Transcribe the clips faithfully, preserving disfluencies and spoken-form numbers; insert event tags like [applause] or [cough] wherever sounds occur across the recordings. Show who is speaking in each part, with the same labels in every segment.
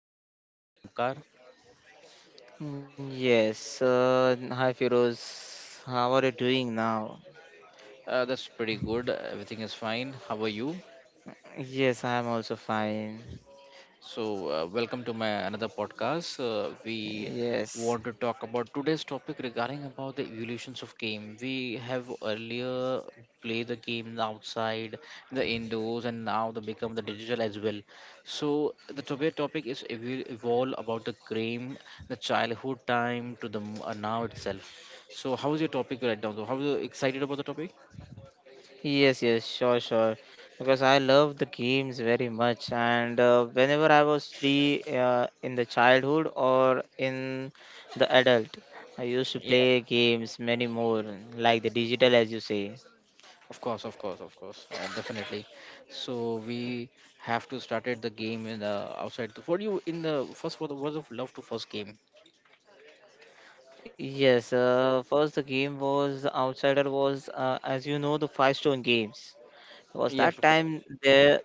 Speaker 1: co-host Omkar.
Speaker 2: Yes, uh, hi Firoz. How are you doing now?
Speaker 1: Uh, that's pretty good. Everything is fine. How are you?
Speaker 2: Yes, I am also fine.
Speaker 1: So, uh, welcome to my another podcast. Uh, we
Speaker 2: Yes,
Speaker 1: want to talk about today's topic regarding about the evolutions of game. We have earlier played the game outside, the indoors, and now they become the digital as well. So, the today topic is evol- evolve about the game, the childhood time to the m- uh, now itself. So, how is your topic right now? Though? How are you excited about the topic?
Speaker 2: yes, yes, sure, sure. Because I love the games very much, and uh, whenever I was free uh, in the childhood or in the adult, I used to play games many more, like the digital, as you say.
Speaker 1: Of course, of course, of course, uh, definitely. So we have to started the game in the outside. the- What do you in the first for the words of love to first game?
Speaker 2: Yes, uh, first the game was the Outsider was, uh, as you know, the Five Stone games. Was
Speaker 1: Yeah, of
Speaker 2: that
Speaker 1: course.
Speaker 2: time there,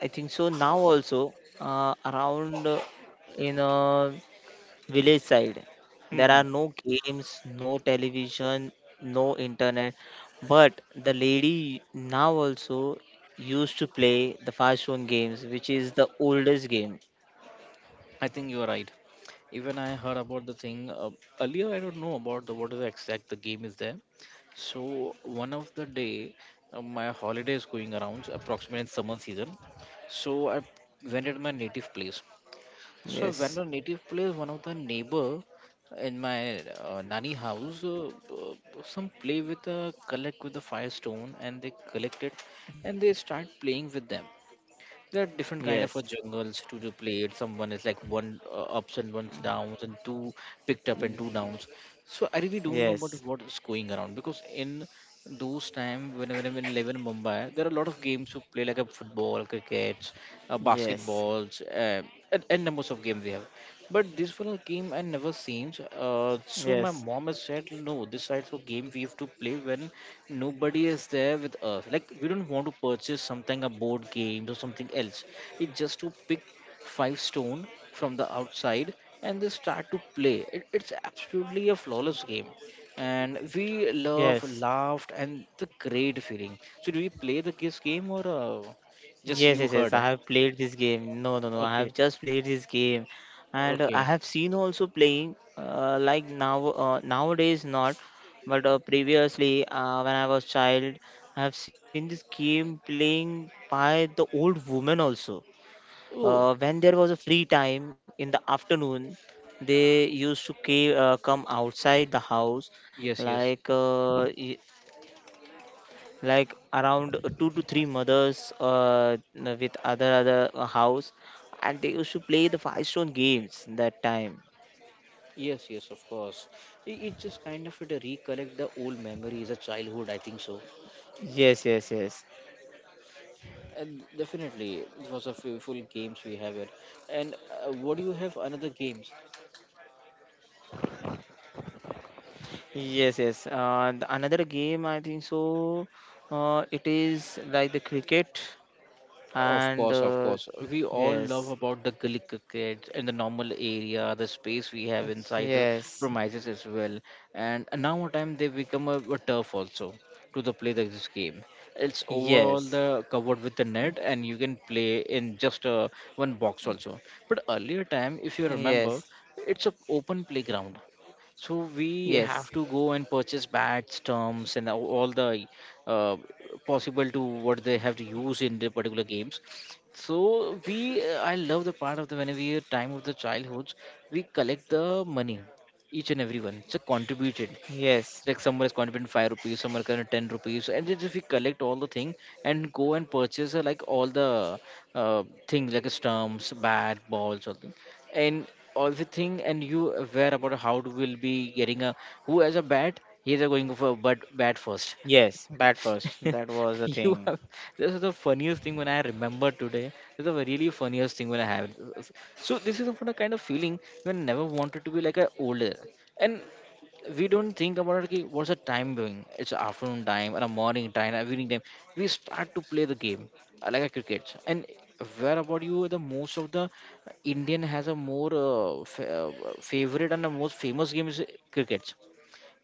Speaker 2: I think so now also uh, around uh, in a village side there
Speaker 1: Hmm.
Speaker 2: are no games, no television, no internet. But the lady now also used to play the fast stone games, which is the oldest game.
Speaker 1: I think you are right. Even I heard about the thing uh, earlier. I don't know about the what is the exact the game is there. So one of the day, uh, my holiday is going around approximately in summer season. So I went at my native place. So when
Speaker 2: Yes,
Speaker 1: the native plays one of the neighbor in my uh, nanny house, uh, uh, some play with a collect with the firestone and they collect it and they start playing with them. There are different kind
Speaker 2: yes,
Speaker 1: of uh, jungles to, to play it. Someone is like one uh, ups and one's downs and two picked up and two downs. So I really don't know about
Speaker 2: yes,
Speaker 1: what is going around, because in those time when, when I'm in eleven Mumbai there are a lot of games to play like a football, crickets, uh,
Speaker 2: yes,
Speaker 1: basketballs, uh, and, and numbers of games we have, but this was a game I never seen.
Speaker 2: yes,
Speaker 1: Uh, so my mom has said, no, this type of game we have to play when nobody is there with us. Like we don't want to purchase something a board game or something else. It's just to pick five stone from the outside and they start to play. It, it's absolutely a flawless game, and we
Speaker 2: yes.
Speaker 1: love, laughed, and the great feeling. So do you play the this game or uh,
Speaker 2: Yes,
Speaker 1: just
Speaker 2: yes,
Speaker 1: you
Speaker 2: yes. I
Speaker 1: heard? Huh?
Speaker 2: have played this game. No, no, no. I
Speaker 1: Okay,
Speaker 2: have just played this game, and uh, I
Speaker 1: okay.
Speaker 2: have seen also playing. Uh, like now, uh, nowadays not, but uh, previously uh, when I was child, I have seen this game playing by the old woman also. Uh,
Speaker 1: Oh
Speaker 2: when there was a free time in the afternoon, they used to ca- uh, come outside the house,
Speaker 1: yes, yes.
Speaker 2: like uh, y- like around two to three mothers uh, with other other uh, house, and they used to play the five stone games that time.
Speaker 1: Yes, yes, of course. It, it just kind of it recollect the old memories of childhood, I think so.
Speaker 2: Yes, yes, yes,
Speaker 1: And definitely, it was a few full games we have it. And uh, what do you have another games?
Speaker 2: yes, yes, uh, the another game, I think so, uh, it is like the cricket
Speaker 1: Of
Speaker 2: and
Speaker 1: course, of
Speaker 2: uh,
Speaker 1: course. We all love
Speaker 2: yes,
Speaker 1: about the gully cricket and the normal area, the space we have inside the
Speaker 2: yes,
Speaker 1: premises as well. And now a time they become a, a turf also to the play this game. It's
Speaker 2: yes,
Speaker 1: overall the covered with the net and you can play in just uh, one box also. But earlier time, if you
Speaker 2: yes,
Speaker 1: remember, it's a open playground, so we
Speaker 2: yes,
Speaker 1: have to go and purchase bats, terms and all all the uh, possible to what they have to use in the particular games. So we uh, I love the part of the when we are time of the childhoods, we collect the money, each and everyone it's a contributed,
Speaker 2: yes,
Speaker 1: like someone is contributing five rupees, someone can ten rupees, and just if we collect all the thing and go and purchase uh, like all the uh, things like stumps, bat, balls something, and all the thing, and you aware about how to will be getting a who has a bat, he's a going for but bat first.
Speaker 2: yes, bat first,
Speaker 1: [laughs]
Speaker 2: that was the
Speaker 1: You
Speaker 2: thing.
Speaker 1: have, this is the funniest thing when I remember today. This is the really funniest thing when I have. So this is what a kind of feeling when I never wanted to be like a older. And we don't think about it ki what's the time doing. It's afternoon time and a morning time and evening time, we start to play the game, uh, like a cricket. And where about you, the most of the Indian has a more uh, fa- uh, favorite and the most famous game is cricket.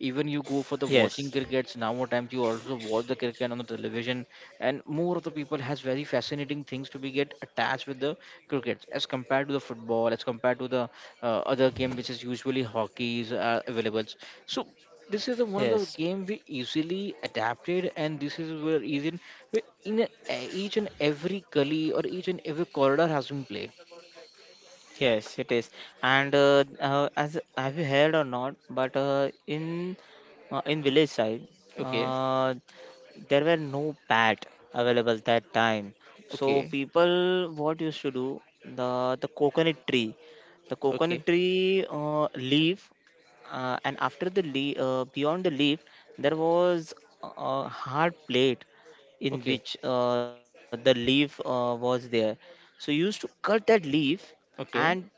Speaker 1: Even you go for the
Speaker 2: Yes,
Speaker 1: watching crickets, now more times you also watch the cricket on the television, and more of the people has very fascinating things to be get attached with the cricket as compared to the football, as compared to the uh, other game which is usually hockey is uh, available. So this is the one of the
Speaker 2: yes.
Speaker 1: game we easily adapted, and this is where even where in a, each and every gully or each and every corridor has been played.
Speaker 2: Yes, it is. And uh, uh, as, have you heard or not? But uh, in uh, in village side,
Speaker 1: Okay,
Speaker 2: uh, there were no pad available that time. So
Speaker 1: okay,
Speaker 2: people, what used to do, the the coconut tree, the
Speaker 1: okay,
Speaker 2: coconut tree uh, leaf, uh, and after the leaf, uh, beyond the leaf, there was a a hard plate
Speaker 1: okay,
Speaker 2: in which uh, the leaf uh, was there. So you used to cut that leaf,
Speaker 1: okay.
Speaker 2: and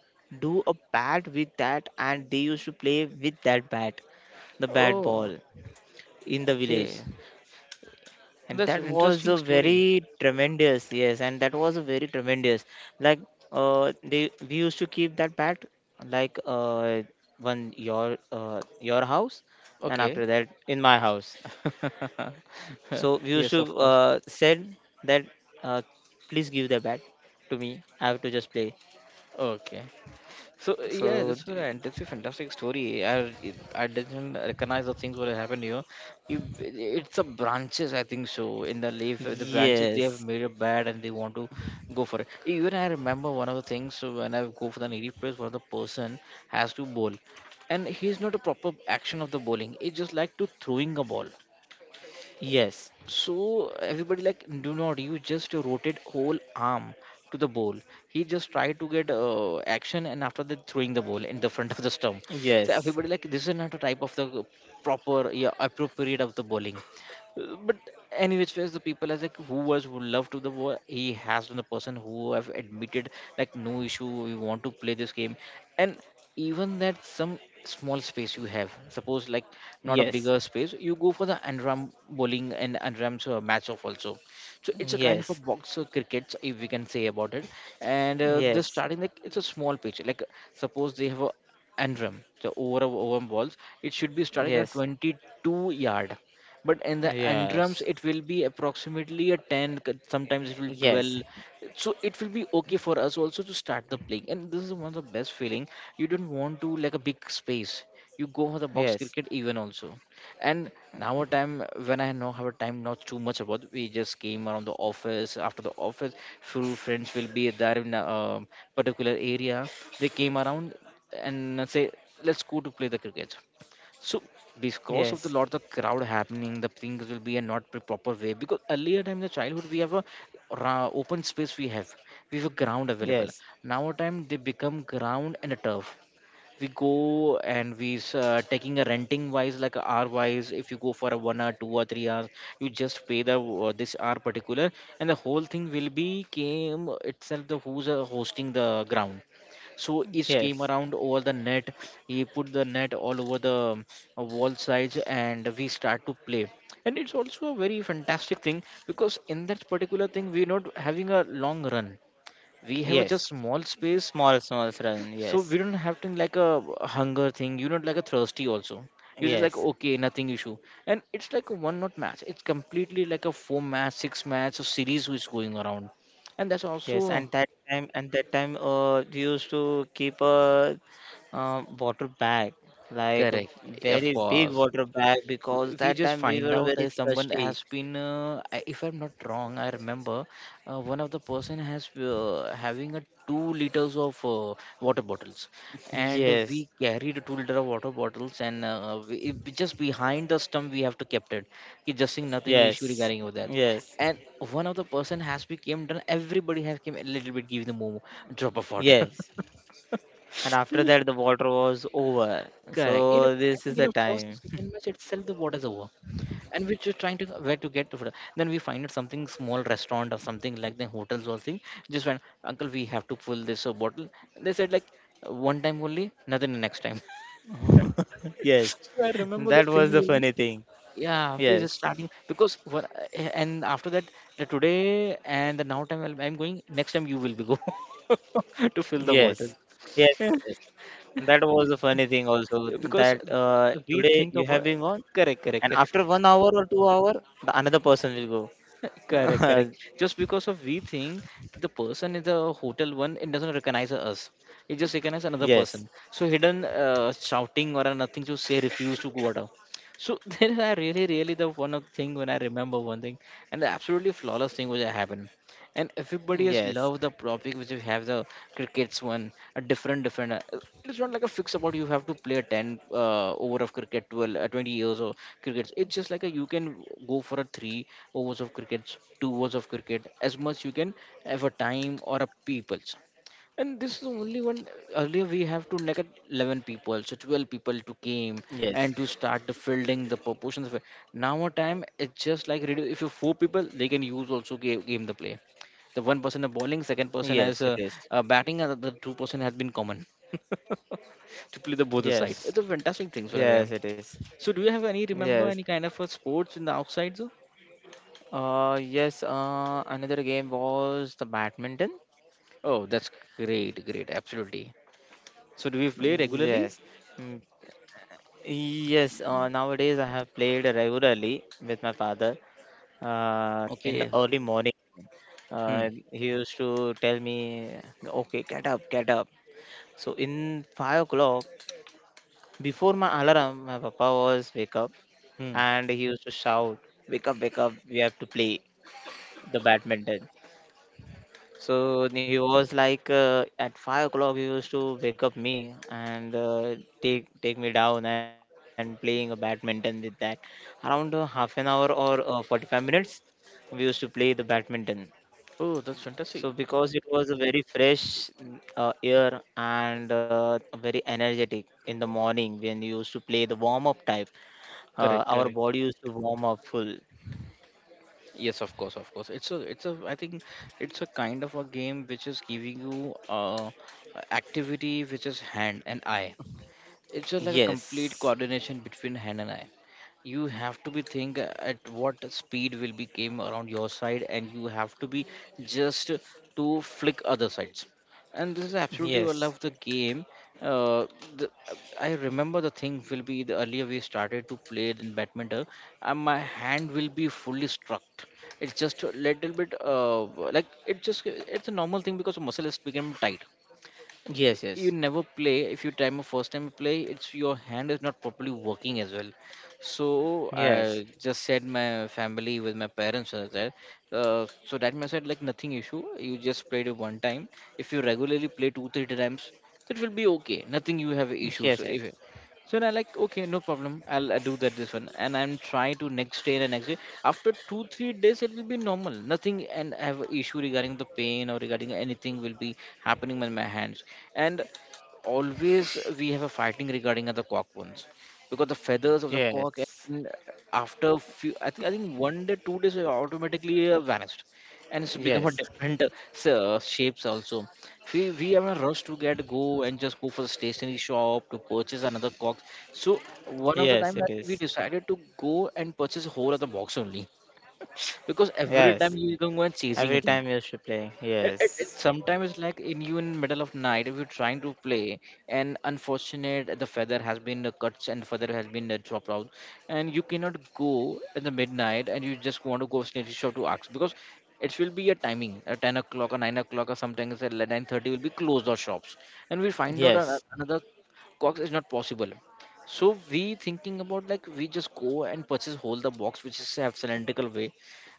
Speaker 2: do a bat with that, and they used to play with that bat, the bat
Speaker 1: Oh,
Speaker 2: ball in the village.
Speaker 1: okay.
Speaker 2: And
Speaker 1: That's an
Speaker 2: that was
Speaker 1: interesting
Speaker 2: a
Speaker 1: story.
Speaker 2: very tremendous, yes, and that was a very tremendous, like uh they we used to keep that bat, like uh one your uh your house, and
Speaker 1: Okay.
Speaker 2: after that in my house.
Speaker 1: [laughs]
Speaker 2: So we used
Speaker 1: Yes,
Speaker 2: to
Speaker 1: of course.
Speaker 2: uh said that uh please give the bat to me, I have to just play.
Speaker 1: Okay. So yeah,
Speaker 2: So
Speaker 1: that's what I. That's a fantastic story. I I didn't recognize the things what happened here. You, it's the branches, I think so. In the leaf, the branches they have
Speaker 2: yes,
Speaker 1: made a bed and they want to go for it. Even I remember one of the things, so when I go for the native place, one of the person has to bowl, and he's not a proper action of the bowling. It's just like to throwing a ball.
Speaker 2: yes.
Speaker 1: So everybody like, do not you just rotate whole arm to the ball. He just tried to get uh, action and after that throwing the ball in the front of the stump. So
Speaker 2: Yes,
Speaker 1: everybody like, this is not a type of the proper, yeah, appropriate of the bowling. Uh, But any which ways the people as like who was who loved to the ball. He has been the person who have admitted like no issue, we want to play this game. And even that some small space you have, suppose like not a
Speaker 2: yes,
Speaker 1: bigger space, you go for the andram bowling and andram's uh, match off also. So it's a kind of a
Speaker 2: yes,
Speaker 1: box uh, cricket, if we can say about it. And uh, the
Speaker 2: yes,
Speaker 1: starting like it's a small pitch, like suppose they have a andram so over over balls, it should be starting at
Speaker 2: yes,
Speaker 1: twenty-two yard, but in the andrams,
Speaker 2: yes,
Speaker 1: it will be approximately a ten c- sometimes it will
Speaker 2: yes,
Speaker 1: twelve.
Speaker 2: yes,
Speaker 1: So it will be okay for us also to start the playing, and this is one of the best feeling. You don't want to like a big space, you go for the box
Speaker 2: yes,
Speaker 1: cricket even also. And now a time, when I know have a time not too much about, we just came around the office. After the office, few friends will be there in a um, particular area. They came around and say, let's go to play the cricket. So because of the lot of crowd happening, the things will be a not pre- proper way. Because earlier time in the childhood we have a ra- open space we have, we have a ground available.
Speaker 2: yes,
Speaker 1: Now time they become ground and a turf. We go and we s- uh, taking a renting wise, like a hour wise, if you go for a one hour, two or three hours, you just pay the uh, this hour particular, and the whole thing will be came itself the who's uh, hosting the ground. So each came
Speaker 2: yes,
Speaker 1: around over the net, he put the net all over the um, uh, wall sides, and we start to play. And it's also a very fantastic thing, because in that particular thing we're not having a long run, we have a just
Speaker 2: yes.
Speaker 1: small space.
Speaker 2: Small, small run.
Speaker 1: So we
Speaker 2: Yes,
Speaker 1: don't have to like a hunger thing. You don't like a thirsty also. You're just like
Speaker 2: yes,
Speaker 1: okay, nothing issue. And it's like a one not match, it's completely like a four match, six match, a series which is going around. And that's
Speaker 2: yes. And
Speaker 1: also
Speaker 2: that time, and that time, uh, they used to keep a uh, water bag, like a
Speaker 1: correct, of
Speaker 2: very big
Speaker 1: course.
Speaker 2: water bag, because
Speaker 1: We
Speaker 2: that
Speaker 1: just
Speaker 2: time we
Speaker 1: find
Speaker 2: were
Speaker 1: out
Speaker 2: very
Speaker 1: uh, someone has
Speaker 2: thirsty.
Speaker 1: been uh, I- if I'm not wrong I remember, uh, one of the person has uh, having a two liters of uh, water bottles, and we
Speaker 2: Yes,
Speaker 1: carried two liter of water bottles, and uh, we, it- we just behind the stump we have to kept it. Ki just seeing nothing issue
Speaker 2: yes,
Speaker 1: regarding with that.
Speaker 2: yes,
Speaker 1: And one of the person has became done, everybody have came a little bit give the more drop of water.
Speaker 2: yes,
Speaker 1: [laughs]
Speaker 2: and after that the water was over.
Speaker 1: Correct, you know
Speaker 2: So
Speaker 1: I
Speaker 2: this is
Speaker 1: think in
Speaker 2: the
Speaker 1: the first or
Speaker 2: time.
Speaker 1: second match itself the water's over, and we're just trying to where to get to food. Then we find out something small restaurant or something like the hotels or thing. Just went, uncle, we have to fill this uh, bottle. They said like one time only, nothing the next time.
Speaker 2: [laughs] Yes,
Speaker 1: [laughs] So I remember the
Speaker 2: that
Speaker 1: thing.
Speaker 2: was the
Speaker 1: Only.
Speaker 2: funny thing.
Speaker 1: Yeah, we just
Speaker 2: Yes,
Speaker 1: starting because what, and after that, the today and the now time, I'm I'm going next time you will be go [laughs] to fill the bottle,
Speaker 2: yes, yes, yes. That was the funny thing also.
Speaker 1: because
Speaker 2: That uh,
Speaker 1: we
Speaker 2: today
Speaker 1: think
Speaker 2: you
Speaker 1: about
Speaker 2: have been on,
Speaker 1: correct, correct,
Speaker 2: and
Speaker 1: correct.
Speaker 2: after one hour or two hour, the another person will
Speaker 1: Correct,
Speaker 2: go.
Speaker 1: correct.
Speaker 2: [laughs]
Speaker 1: Just because of we think the person in the hotel one, it doesn't recognize us. It just recognizes another
Speaker 2: Yes,
Speaker 1: person. So hidden uh, shouting or nothing to say, refuse to water. So [laughs] there I really, really the one of thing when I remember one thing, and the absolutely flawless thing which happened, and everybody has
Speaker 2: yes,
Speaker 1: loved the topic which you have the crickets one, a different different uh, uh, it's not like a fix about you have to play a ten uh, over of cricket, twelve uh, twenty years of cricket. It's just like a, you can go for a three overs of cricket, two overs of cricket as much you can have a time or a people, and this is the only one. Earlier, we have to neg eleven people, so twelve people to came and
Speaker 2: yes,
Speaker 1: to start the fielding, the proportions of it. Now, our time it's just like redu- if you four people, they can use also game, game the play. The one person are bowling, second
Speaker 2: yes. It
Speaker 1: person
Speaker 2: is.
Speaker 1: has uh, uh, batting, and the other two person has been common to play the both the sides.
Speaker 2: Yes,
Speaker 1: It's a fantastic thing. so
Speaker 2: yes, it is.
Speaker 1: So, do you have any remember
Speaker 2: Yes.
Speaker 1: any kind of uh, sports in the outside? Though?
Speaker 2: Uh, yes. Uh, another game was the badminton.
Speaker 1: Oh, that's great, great, absolutely. So, do we play
Speaker 2: Yes.
Speaker 1: regularly?
Speaker 2: Mm, yes, uh, nowadays I have played regularly with my father uh, in
Speaker 1: Okay.
Speaker 2: the early morning.
Speaker 1: Hmm.
Speaker 2: Uh, he used to tell me, okay, get up, get up. So in five o'clock, before my alarm, my papa was wake up,
Speaker 1: Hmm.
Speaker 2: and he used to shout, wake up, wake up, we have to play the badminton. So he was like uh, at five o'clock he used to wake up me and uh, take take me down and playing a badminton with that around uh, half an hour or uh, forty-five minutes we used to play the badminton.
Speaker 1: Oh, that's
Speaker 2: So
Speaker 1: fantastic.
Speaker 2: because it was a very fresh uh, air and uh, very energetic in the morning when you used to play the warm up type, uh,
Speaker 1: Correct,
Speaker 2: our
Speaker 1: correct.
Speaker 2: body used to warm up full.
Speaker 1: Yes, of course, of course. It's a, it's a. I think it's a kind of a game which is giving you uh, a activity which is hand and eye. It's just like a complete
Speaker 2: Yes,
Speaker 1: coordination between hand and eye. You have to be think at what speed will be came around your side, and you have to be just to flick other sides. And this is absolutely what I love
Speaker 2: yes,
Speaker 1: the game. Uh, the, I remember the thing will be the earlier we started to play in badminton, and my hand will be fully struck. It's just a little bit uh, like it just it's a normal thing because muscle is becoming tight.
Speaker 2: yes,
Speaker 1: You
Speaker 2: yes,
Speaker 1: never play if you time a first time you play, it's your hand is not properly working as well. So I
Speaker 2: yes,
Speaker 1: just said my family with my parents was there. Uh, so that may said like nothing issue, you just played it one time. If you regularly play two three times, it will be okay, nothing you have issues
Speaker 2: yes,
Speaker 1: if,
Speaker 2: yes.
Speaker 1: so and I like okay, no problem. I'll, i do that this one, and I'm trying to next day and next day. After two three days, it will be normal. Nothing and I have issue regarding the pain or regarding anything will be happening in my hands. And always we have a fighting regarding the cock bones, because the feathers of the cock,
Speaker 2: Yes.
Speaker 1: and after few I think I think one day two days it automatically uh, vanished, and it's become a
Speaker 2: Yes.
Speaker 1: different uh, s- uh, shapes also. We we are in a rush to get go and just go for the stationery shop to purchase another box. So one of the time
Speaker 2: Yes,
Speaker 1: that
Speaker 2: it
Speaker 1: we
Speaker 2: is.
Speaker 1: decided to go and purchase a whole other box only, because every time
Speaker 2: Yes.
Speaker 1: you can go and chasing a
Speaker 2: Every
Speaker 1: thing.
Speaker 2: time you should play.
Speaker 1: It, it, it
Speaker 2: Yes.
Speaker 1: sometimes it's like in you in middle of night if you're trying to play, and unfortunate the feather has been uh, cut and feather has been uh, dropped out, and you cannot go in the midnight, and you just want to go snitch shop to ask because it will be a timing at ten o'clock or nine o'clock or sometimes at nine thirty will be closed our shops, and we find out ano-
Speaker 2: Yes.
Speaker 1: another cox is not possible. So we thinking about like we just go and purchase whole the box, which is uh, have cylindrical way.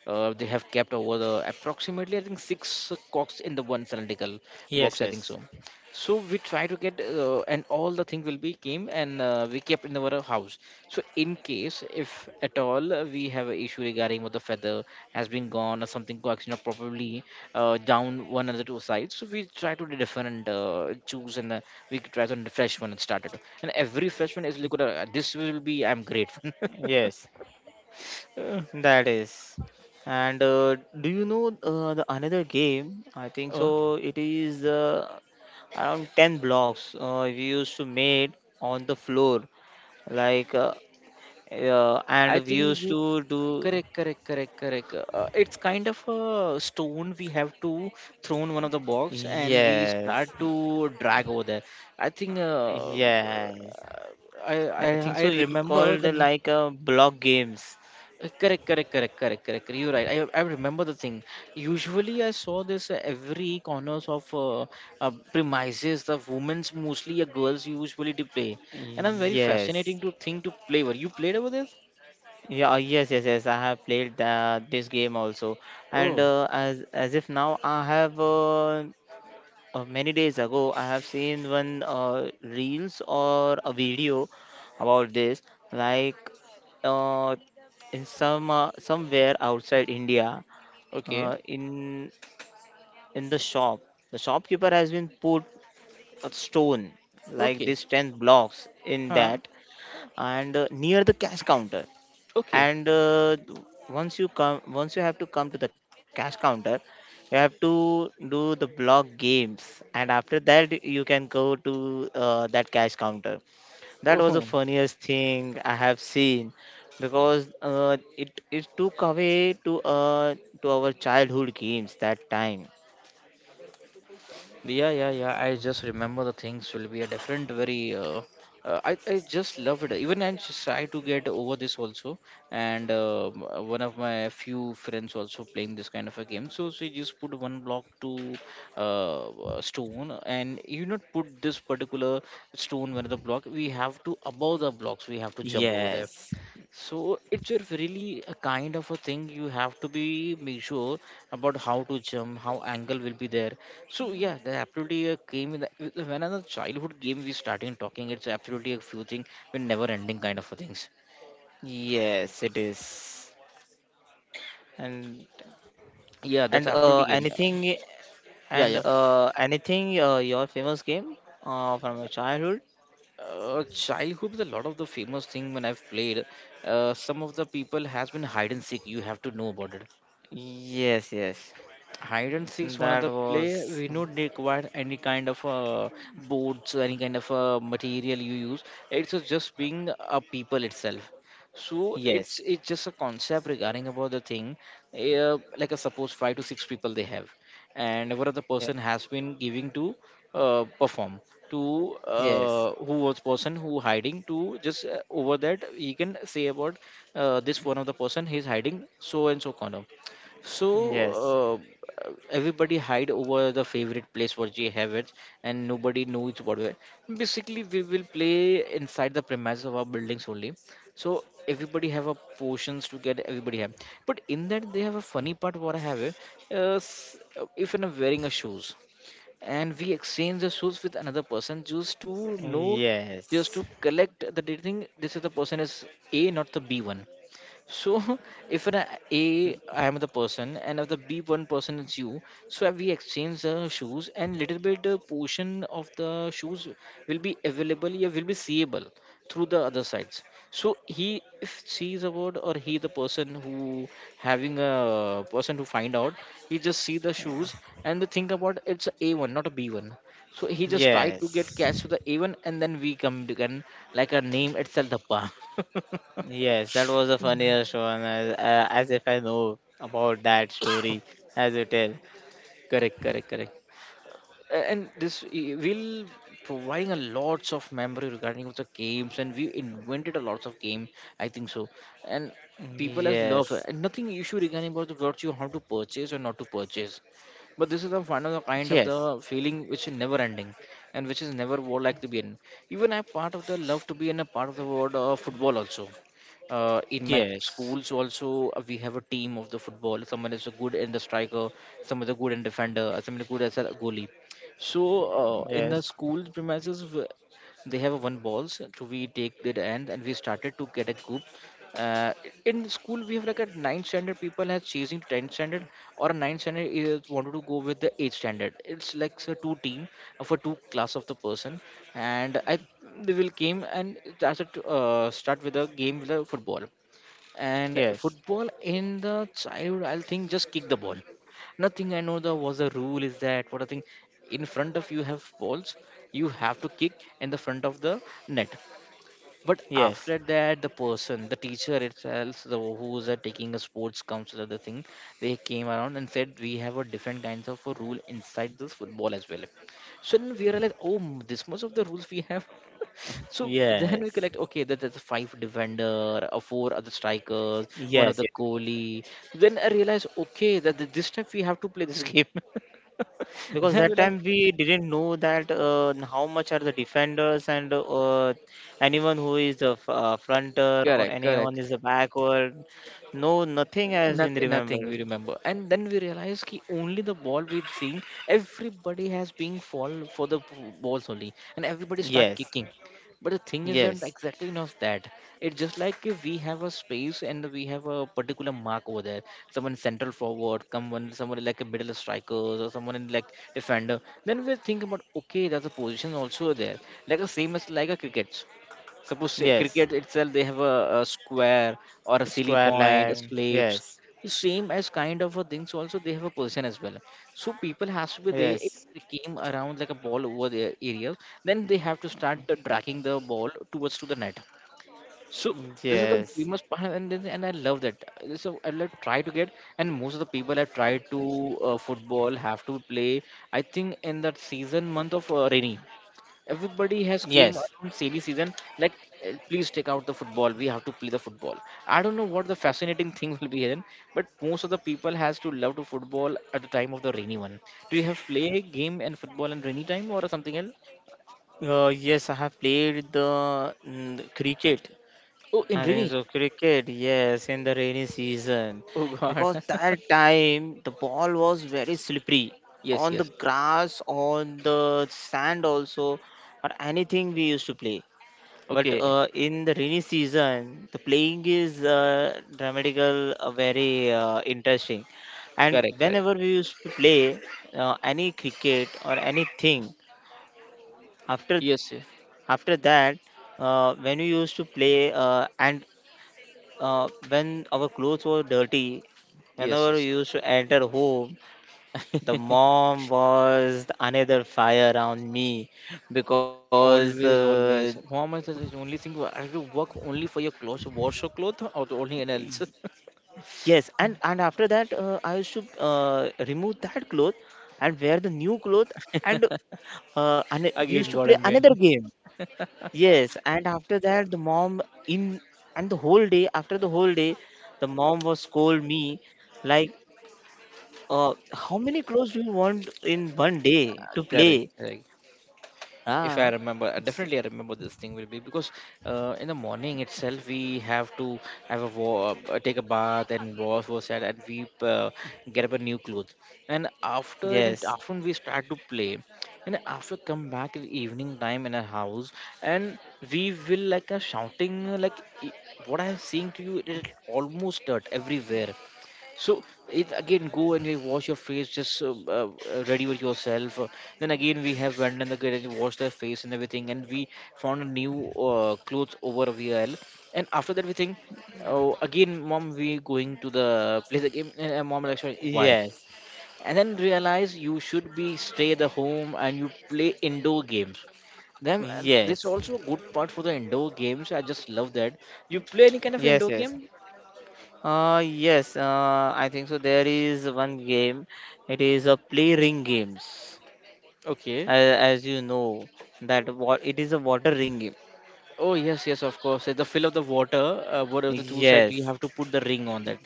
Speaker 1: Uh, they have kept over the approximately I think six cocks in the one cylindrical box.
Speaker 2: Yes,
Speaker 1: I think
Speaker 2: yes.
Speaker 1: so. So we try to get uh, and all the thing will be came, and uh, we kept in our house. So in case if at all uh, we have an issue regarding what the feather has been gone or something cocks you know probably uh, down one of the two sides. So we try to do different uh, choose, and uh, we try to fresh one and started. And every fresh one is like uh, this will be I'm grateful.
Speaker 2: Yes.
Speaker 1: [laughs]
Speaker 2: That is. And uh, do you know uh, the another game? I think
Speaker 1: Uh,
Speaker 2: so. It is uh, around ten blocks uh, we used to made on the floor, like uh, uh,
Speaker 1: I
Speaker 2: and we
Speaker 1: think
Speaker 2: used
Speaker 1: you
Speaker 2: to do,
Speaker 1: Correct, correct, correct, correct. Uh, it's kind of a stone we have to throw in one of the box, and we
Speaker 2: yes,
Speaker 1: start to drag over there. I think uh, uh,
Speaker 2: yes,
Speaker 1: I, I
Speaker 2: I think
Speaker 1: I
Speaker 2: so it
Speaker 1: remember
Speaker 2: called
Speaker 1: the na-
Speaker 2: like uh, block games.
Speaker 1: uh, correct, correct, correct, correct, correct. You're right. I, I remember the thing. Usually, I saw this uh, every corners of uh, uh, premises. The women's mostly, uh, girls usually to play, and I'm very
Speaker 2: Yes.
Speaker 1: fascinating to think to play. Where you played over there?
Speaker 2: Yeah, uh, yes, yes, yes. I have played uh, this game also, and
Speaker 1: Oh,
Speaker 2: uh, as as if now I have uh, uh, many days ago I have seen one uh, reels or a video about this. Like uh, in some uh, somewhere outside India,
Speaker 1: okay,
Speaker 2: uh, in in the shop, the shopkeeper has been put a stone like
Speaker 1: okay,
Speaker 2: this ten blocks in
Speaker 1: huh?
Speaker 2: that, and uh, near the cash counter,
Speaker 1: Okay.
Speaker 2: and uh, once you come, once you have to come to the cash counter, you have to do the block games, and after that you can go to uh, that cash counter. That was the
Speaker 1: Oh,
Speaker 2: funniest thing I have seen, because uh, it it took away to uh, to our childhood games that time.
Speaker 1: yeah, yeah, yeah. I just remember the things will be a different, very. Uh, uh, I I just love it. Even I just try to get over this also. And uh, m- one of my few friends also playing this kind of a game. So she just put one block to uh, uh, stone, and you not put this particular stone when the block. We have to above the blocks. We have to jump over there.
Speaker 2: Yes,
Speaker 1: So it's a really a kind of a thing you have to be make sure about how to jump, how angle will be there. So yeah, the absolutely a game in the, with the- when another childhood game we starting talking, it's absolutely a few thing with never ending kind of a things.
Speaker 2: yes, it is. and
Speaker 1: Yeah, that's
Speaker 2: and uh,
Speaker 1: absolutely game. Yeah,
Speaker 2: anything,
Speaker 1: yeah,
Speaker 2: and
Speaker 1: yeah.
Speaker 2: uh, anything uh, your famous game uh, from your childhood.
Speaker 1: Uh, childhood is a lot of the famous thing when I've played. Uh, some of the people has been hide and seek. You have to know about it.
Speaker 2: Yes, yes.
Speaker 1: Hide and seek, one of
Speaker 2: That
Speaker 1: the play
Speaker 2: was
Speaker 1: we don't require any kind of uh, boards or any kind of uh, material you use. It's just being a people itself. So it's
Speaker 2: yes.
Speaker 1: it's just a concept regarding about the thing. Uh, like a suppose five to six people they have, and what the
Speaker 2: ye-
Speaker 1: person has been giving to uh, perform to
Speaker 2: Yes.
Speaker 1: uh, who was person who hiding to just uh, over that he can say about uh, this one of the person he's hiding so and so corner, so
Speaker 2: Yes.
Speaker 1: uh, everybody hide over the favorite place what they have it, and nobody knows what. we- Basically, we will play inside the premise of our buildings only. So everybody have a portions to get everybody have. But in that they have a funny part what I have it. Uh, s- uh, if I'm wearing a shoes, and we exchange the shoes with another person just to know, just
Speaker 2: Yes.
Speaker 1: to collect the thing. This is the person is A, not the B one. So [laughs] if an A I am the person, and if the B one person is you, so we exchange the shoes, and little bit uh, portion of the shoes will be available, yeah, will be seeable through the other sides. So he if she is about or he the person who having a person to find out, he just see the shoes and the think about it's A A one, not a B one. So he just try to get
Speaker 2: Yes.
Speaker 1: catch to the A one, and then we come to can like a name itself the pa.
Speaker 2: Yes, that was a funniest one as, uh, as if I know about that story as you tell.
Speaker 1: [laughs] Correct, correct, correct. A- and this i- will providing a lots of memory regarding of the games, and we invented a lots of game I think so, and people has loved it.
Speaker 2: Yes.
Speaker 1: And nothing issue regarding about the what you how to purchase or not to purchase, but this is the one of the kind
Speaker 2: Yes.
Speaker 1: of the feeling which is never ending, and which is never would like to be in. Even I part of the love to be in a part of the world of football also. Uh, in my
Speaker 2: Yes.
Speaker 1: schools also, uh, we have a team of the football. Someone is a good in the striker, someone is a good in defender, uh, someone is good as a goalie. So uh, in the
Speaker 2: Yes.
Speaker 1: school premises, w- they have one balls. So we take that end, and we started to get a group. Uh, in school, we have like a ninth standard people has chasing to tenth standard, or a ninth standard is wanted to go with the eighth standard. It's like so two team uh, for two class of the person, and I they will came and started to, uh, start with a game with a football. And
Speaker 2: Yes.
Speaker 1: football in the childhood, I'll think just kick the ball. Nothing I know the was the rule is that what I think, in front of you have balls, you have to kick in the front of the net. But
Speaker 2: Yes.
Speaker 1: after that, the person, the teacher itself, the who's uh, taking a sports council or the thing, they came around and said we have a different kinds of a rule inside this football as well. So then we realized, oh, m- this much of the rules we have. [laughs] So then we
Speaker 2: Yes.
Speaker 1: collect, okay, that there's a five defender, a four other strikers, one of
Speaker 2: Yes.
Speaker 1: the
Speaker 2: Yes.
Speaker 1: goalie. Then I realized, okay, that th- this time we have to play this game. [laughs]
Speaker 2: Because
Speaker 1: Then
Speaker 2: that
Speaker 1: we're like,
Speaker 2: time we didn't know that uh, how much are the defenders and uh, anyone who is the f- uh, fronter or
Speaker 1: correct,
Speaker 2: anyone
Speaker 1: correct.
Speaker 2: is the backward, no nothing has been
Speaker 1: Nothing, nothing
Speaker 2: remembered.
Speaker 1: we remember, and then we realize ki only the ball we've seen. Everybody has been fall for the b- balls only, and everybody start
Speaker 2: Yes,
Speaker 1: kicking. But the thing isn't
Speaker 2: yes,
Speaker 1: exactly not that. It's just like if we have a space and we have a particular mark over there. Someone central forward, someone someone like a middle strikers or someone in like defender. Then we think about okay, there's a position also there, like a same as like a cricket. Suppose say,
Speaker 2: yes,
Speaker 1: cricket itself, they have a, a square or a silly
Speaker 2: square
Speaker 1: point, a
Speaker 2: leg,
Speaker 1: slaps.
Speaker 2: yes,
Speaker 1: The same as kind of a things also they have a position as well. So people has to be there. If
Speaker 2: yes,
Speaker 1: they came around like a ball over their area, then they have to start the dragging the ball towards to the net. So this is the
Speaker 2: yes,
Speaker 1: famous part, and then- and I love that. Uh, So I like try to get, and most of the people have tried to uh, football have to play. I think in that season month of uh, rainy everybody has came
Speaker 2: yes,
Speaker 1: around silly season like uh, please take out the football we have to play the football. I don't know what the fascinating [laughs] thing will be then, but most of the people has to love to football at the time of the rainy one. Do you have play game and football in rainy time or something else?
Speaker 2: uh, yes, I have played the mm, cricket.
Speaker 1: Oh, in
Speaker 2: I think
Speaker 1: rainy?
Speaker 2: so. Cricket, yes, in the rainy season.
Speaker 1: Oh god.
Speaker 2: Because
Speaker 1: [laughs]
Speaker 2: that time the ball was very slippery
Speaker 1: Yes,
Speaker 2: on the
Speaker 1: yes.
Speaker 2: grass, on the sand also, or anything we used to play. But
Speaker 1: Okay.
Speaker 2: uh, in the rainy season, the playing is uh, dramatical, uh, very uh, interesting. And
Speaker 1: Correct, correct.
Speaker 2: whenever we used to play uh, any cricket or anything, after
Speaker 1: Yes, yes,
Speaker 2: after that, uh, when we used to play uh, and uh, when our clothes were dirty,
Speaker 1: yes,
Speaker 2: whenever we
Speaker 1: yes.
Speaker 2: used to enter home, the mom was another fire around me, because
Speaker 1: Always,
Speaker 2: uh,
Speaker 1: always Muhammad says his only thing, "Why have to work only for your clothes, wash your clothes or the only else?" [laughs]
Speaker 2: yes, and and after that uh, I used to uh, remove that cloth and wear the new cloth, and uh, and we used
Speaker 1: Again
Speaker 2: to
Speaker 1: god
Speaker 2: play
Speaker 1: and man.
Speaker 2: another game.
Speaker 1: Uh,
Speaker 2: Yes, and after that the mom in, and the whole day, after the whole day, the mom was scold me like, Uh, how many clothes do you want in one day to
Speaker 1: [laughs] correct,
Speaker 2: play?
Speaker 1: correct. If
Speaker 2: Ah,
Speaker 1: I remember, uh, definitely I remember this thing will be because uh, in the morning itself we have to have a wa- uh, take a bath and wash ourselves, and we uh, get up a new clothes, and after in it
Speaker 2: yes,
Speaker 1: afternoon we start to play, and after come back in evening time in our house, and we will like a shouting uh, like i- what I'm seeing to you it is almost dirt everywhere. So it again go and you wash your face, just uh, uh, uh, ready with yourself. Uh, Then again we have went and the kid and washed their face and everything, and we found a new uh, clothes over a V L. And after that we think, oh again mom we going to the play the game. And and mom like sorry why?
Speaker 2: yes,
Speaker 1: And then realize you should be stay at the home and you play indoor games. Then uh, this
Speaker 2: yes,
Speaker 1: also a good part for the indoor games. I just love that. You play any kind of
Speaker 2: yes,
Speaker 1: indoor
Speaker 2: yes.
Speaker 1: game.
Speaker 2: Uh, yes, uh, I think so. There is one game, it is a play ring games,
Speaker 1: Okay.
Speaker 2: as, as you know, that what it is a water ring game.
Speaker 1: Oh yes, yes, of course. The fill of the water, uh, whatever the two sides, we
Speaker 2: Yes,
Speaker 1: have to put the ring on that.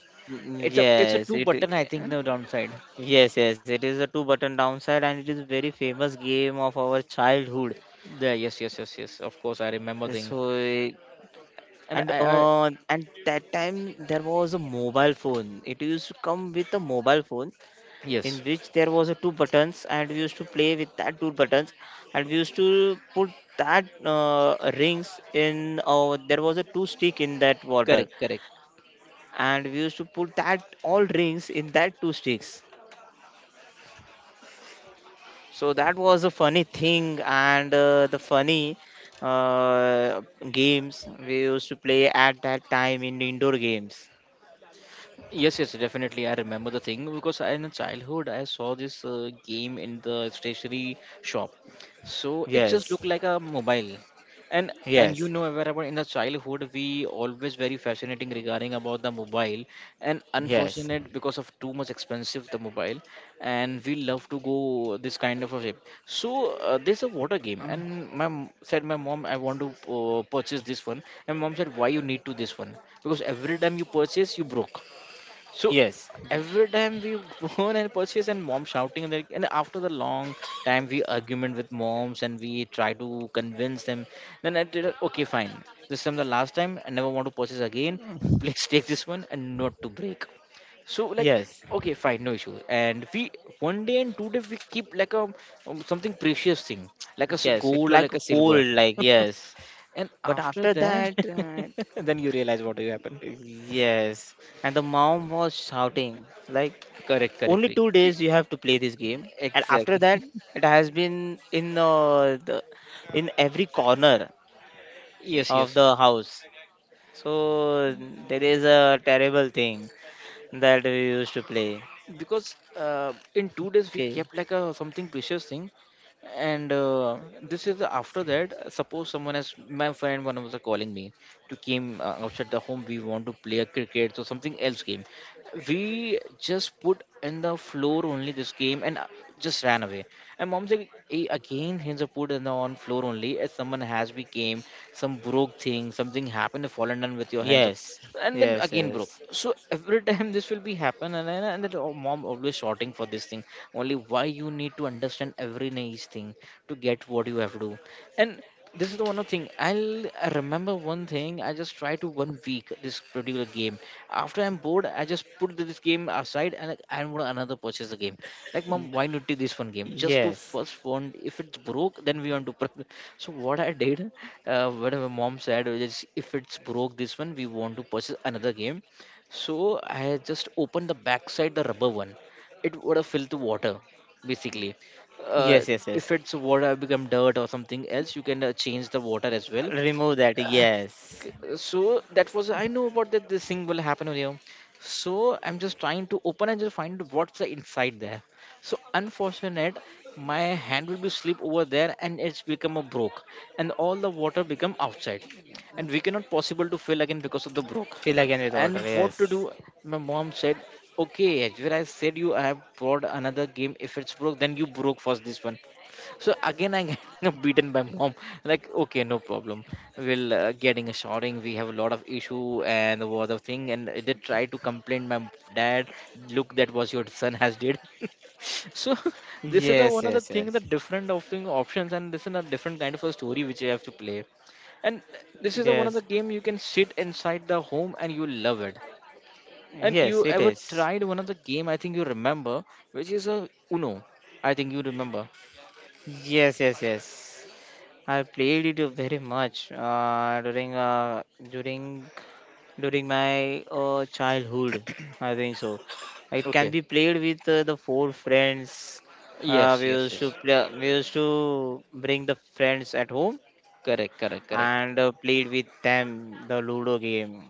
Speaker 1: It's a it's a
Speaker 2: yes,
Speaker 1: two
Speaker 2: it,
Speaker 1: button, I think, no downside.
Speaker 2: yes, yes, it is a two button downside, and it is very famous game of our childhood.
Speaker 1: There, yes, yes, yes, yes. Of course, I remember thing.
Speaker 2: So,
Speaker 1: And
Speaker 2: and
Speaker 1: I, I
Speaker 2: uh, and that time there was a mobile phone, it used to come with a mobile phone, in
Speaker 1: Yes,
Speaker 2: which there was a two buttons, and we used to play with that two buttons, and we used to put that uh, rings in uh, there was a two stick in that water,
Speaker 1: correct, correct.
Speaker 2: and we used to put that all rings in that two sticks. So that was a funny thing, and uh, the funny uh, games we used to play at that time in indoor games.
Speaker 1: Yes, yes, definitely. I remember the thing because I, in childhood I saw this uh, game in the stationery shop. So it just
Speaker 2: Yes.
Speaker 1: looked like a mobile. And and you
Speaker 2: Yes,
Speaker 1: know wherever in the childhood we always very fascinating regarding about the mobile, and
Speaker 2: yes,
Speaker 1: unfortunate because of too much expensive the mobile, and we love to go this kind of a shape. So uh, there's a water game,
Speaker 2: um,
Speaker 1: and my m- said my mom I want to uh, purchase this one, and mom said why you need to this one because every time you purchase you broke. So
Speaker 2: yes,
Speaker 1: every time we [laughs] go and purchase and mom shouting and like, and after the long time we argument with moms and we try to convince them. Then I did okay fine. This time the last time I never want to purchase again. [laughs] Please take this one and not to break. So like
Speaker 2: yes,
Speaker 1: okay fine no issue. And we one day and two day we keep like a um, something precious thing like a s-
Speaker 2: yes. It's
Speaker 1: gold or
Speaker 2: like
Speaker 1: like
Speaker 2: a
Speaker 1: a silver.
Speaker 2: cold, like
Speaker 1: [laughs]
Speaker 2: yes.
Speaker 1: And
Speaker 2: But
Speaker 1: after
Speaker 2: after
Speaker 1: that,
Speaker 2: that, uh,
Speaker 1: [laughs] then you realize what will happen.
Speaker 2: yes. And the mom was shouting, like,
Speaker 1: Correct, correct,
Speaker 2: only
Speaker 1: correct.
Speaker 2: two days you have to play this game. And after
Speaker 1: Exactly.
Speaker 2: that, it has been in uh, the in every corner
Speaker 1: [laughs] Yes,
Speaker 2: of
Speaker 1: yes.
Speaker 2: the house. So there is a terrible thing that we used to play.
Speaker 1: Because uh, in two
Speaker 2: Okay.
Speaker 1: days we kept like a something precious thing, and uh, this is after that uh, suppose someone has my friend one was uh, calling me to came uh, outside the home we want to play a cricket or something else game, we just put in the floor only this game and uh, just ran away, and mom said, "Hey, again hands are put in the on floor only as someone has we came some broke thing something happened fallen down with your hands,
Speaker 2: Yes.
Speaker 1: and then
Speaker 2: Yes.
Speaker 1: again broke."
Speaker 2: Yes.
Speaker 1: So every time this will be happen, and then and then our mom always shouting for this thing only. Why you need to understand every nice thing to get what you have to do, and this is the one of thing I'll I remember one thing I just try to one week this particular game. After I'm bored I just put this game aside and like, I want another purchase the game, like mom why not do
Speaker 2: Yes.
Speaker 1: this one game just to first one if it's broke then we want to [laughs] pur-. So what I did, uh, whatever mom said is if it's broke this one we want to purchase another game. So I had just opened the backside the rubber one, it would have filled the water basically.
Speaker 2: Yes, yes,
Speaker 1: uh,
Speaker 2: yes.
Speaker 1: if it's water become dirt or something else you can uh, change the water as well.
Speaker 2: Remove that.
Speaker 1: Uh,
Speaker 2: Yes.
Speaker 1: K- so that was I know about that this thing will happen over here, so I'm just trying to open and just find what's the inside there. So unfortunate my hand will be slip over there and it's become a broke, and all the water become outside, and we cannot possible to fill again because of the broke.
Speaker 2: Fill again with water.
Speaker 1: And what to do.
Speaker 2: Yes.
Speaker 1: My mom said okay Ajwer, I said you I have brought another game if it's broke then you broke first this one. So again, I am [laughs] beaten by mom. Like, okay, no problem. We'll uh, getting a shouting. We have a lot of issue and the lot thing. And they try to complain my dad. Look, that was your son has did. [laughs] So [laughs] this is the
Speaker 2: Yes.
Speaker 1: one of the
Speaker 2: Yes.
Speaker 1: thing
Speaker 2: Yes.
Speaker 1: that different of thing options, and this is a different kind of a story which you have to play. And this is the one of the
Speaker 2: Yes.
Speaker 1: game you can sit inside the home and you love it. And you
Speaker 2: Yes. It
Speaker 1: ever
Speaker 2: is.
Speaker 1: tried one of the game I think you remember, which is a Uno. I think you remember.
Speaker 2: Yes. Yes. Yes. I played it uh, very much uh, during uh, during during my uh, childhood. I think so. It can be
Speaker 1: Okay.
Speaker 2: played with uh, the four friends. Uh,
Speaker 1: Yes,
Speaker 2: we
Speaker 1: yes,
Speaker 2: used to
Speaker 1: yes.
Speaker 2: play. We used to bring the friends at home,
Speaker 1: Correct, correct, correct.
Speaker 2: and uh, played with them the Ludo game.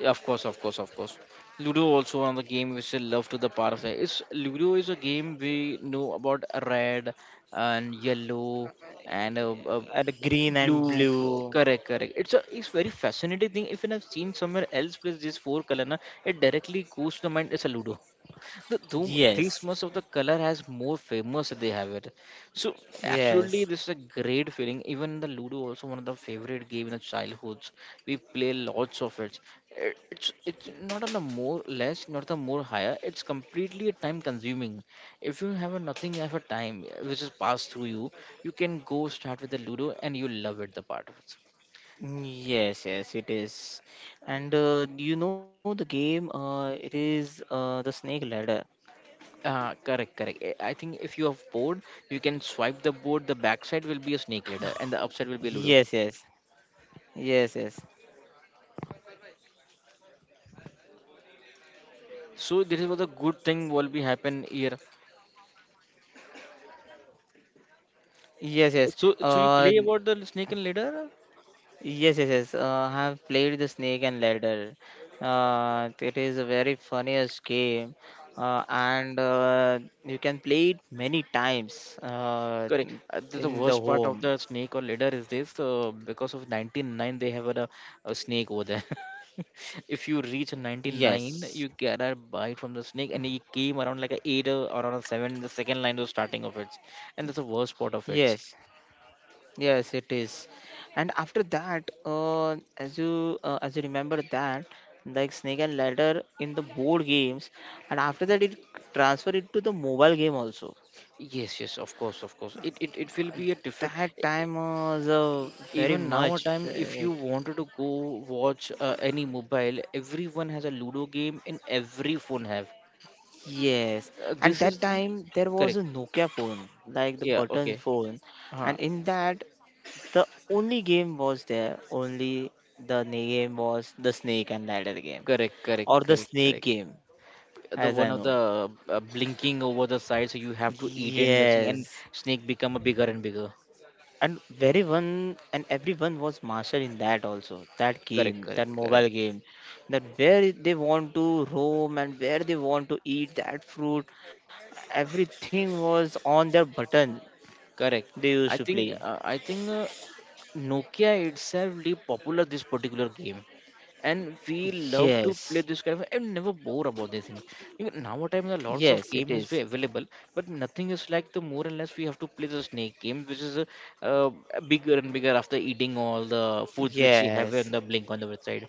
Speaker 1: Yeah, of course, of course, of course. Ludo also one of the game which I love to the part of the. It's Ludo is a game we know about red and yellow and uh, uh,
Speaker 2: uh, the green and
Speaker 1: blue. uh,
Speaker 2: blue.
Speaker 1: Correct, correct. It's a it's very fascinating thing. If I've seen somewhere else plays this four color, na, it directly goes to the mind. It's a Ludo. The Doom, these
Speaker 2: Yes,
Speaker 1: much of the color has more famous they have it. So absolutely,
Speaker 2: yes,
Speaker 1: this is a great feeling. Even the Ludo also one of the favorite game in the childhoods. We play lots of it. Uh, It's it's not on a more less, not the more higher. It's completely a time consuming. If you have a nothing, have a time uh, which is passed through you, you can go start with the Ludo and you love it. The part of it.
Speaker 2: yes, yes, it is. And uh, you know the game, uh, it is uh, the snake ladder.
Speaker 1: Uh, correct, correct. I I think if you have board, you can swipe the board. The backside will be a snake leader, and the upside will be Ludo.
Speaker 2: Yes, yes, yes, yes,
Speaker 1: So this was a good thing will be happen here.
Speaker 2: yes, yes.
Speaker 1: So so you
Speaker 2: Uh,
Speaker 1: play about the snake and ladder?
Speaker 2: yes, yes, yes. Uh, I have played the snake and ladder. Uh, it is a very funniest game, uh, and uh, you can play it many times uh,
Speaker 1: Correct. Uh, the, the
Speaker 2: in the
Speaker 1: worst part of
Speaker 2: home.
Speaker 1: the snake or ladder is this uh, because of ninety-nine they have a, a snake over there. [laughs] If you reach
Speaker 2: Yes,
Speaker 1: ninety-nine, you get a bite from the snake, and he came around like a eight or around a seven. The second line was starting of it, and that's the worst part of it.
Speaker 2: yes. Yes, it is. And after that, uh, as you uh, as you remember that, like snake and ladder in the board games, and after that it transferred it to the mobile game also.
Speaker 1: Yes, yes, of course, of course, it, it it will
Speaker 2: And
Speaker 1: be a different.
Speaker 2: that time was uh, very
Speaker 1: Even now a
Speaker 2: much
Speaker 1: time if you
Speaker 2: favorite.
Speaker 1: wanted to go watch uh, any mobile, everyone has a Ludo game in every phone have.
Speaker 2: Yes,
Speaker 1: Uh,
Speaker 2: and
Speaker 1: this is
Speaker 2: that
Speaker 1: the,
Speaker 2: time there was
Speaker 1: correct.
Speaker 2: a Nokia phone, like the
Speaker 1: Yeah,
Speaker 2: button
Speaker 1: okay.
Speaker 2: phone,
Speaker 1: Huh.
Speaker 2: and in that the only game was there. Only the name was the snake and ladder game
Speaker 1: Correct, correct,
Speaker 2: or the
Speaker 1: correct,
Speaker 2: snake
Speaker 1: correct.
Speaker 2: game,
Speaker 1: The
Speaker 2: as
Speaker 1: one
Speaker 2: I
Speaker 1: of
Speaker 2: know.
Speaker 1: the uh, blinking over the side, so you have to eat and the thing, and
Speaker 2: Yes,
Speaker 1: snake become a bigger and bigger.
Speaker 2: and very one and everyone was master in that also. That
Speaker 1: Correct,
Speaker 2: game, that
Speaker 1: correct,
Speaker 2: mobile
Speaker 1: correct,
Speaker 2: game, that where they want to roam and where they want to eat that fruit, everything was on their button
Speaker 1: correct.
Speaker 2: they used
Speaker 1: i
Speaker 2: to
Speaker 1: think
Speaker 2: play.
Speaker 1: uh, i think uh, Nokia itself really popular this particular game, and we love to
Speaker 2: Yes,
Speaker 1: play this kind of. I'm never bored about this thing. Even nowadays there are lots of
Speaker 2: yes, it
Speaker 1: games is
Speaker 2: is.
Speaker 1: available, but nothing is like the more or less we have to play the snake game, which is a, uh, bigger and bigger after eating all the foods which we have on
Speaker 2: Yes,
Speaker 1: the blink on the website.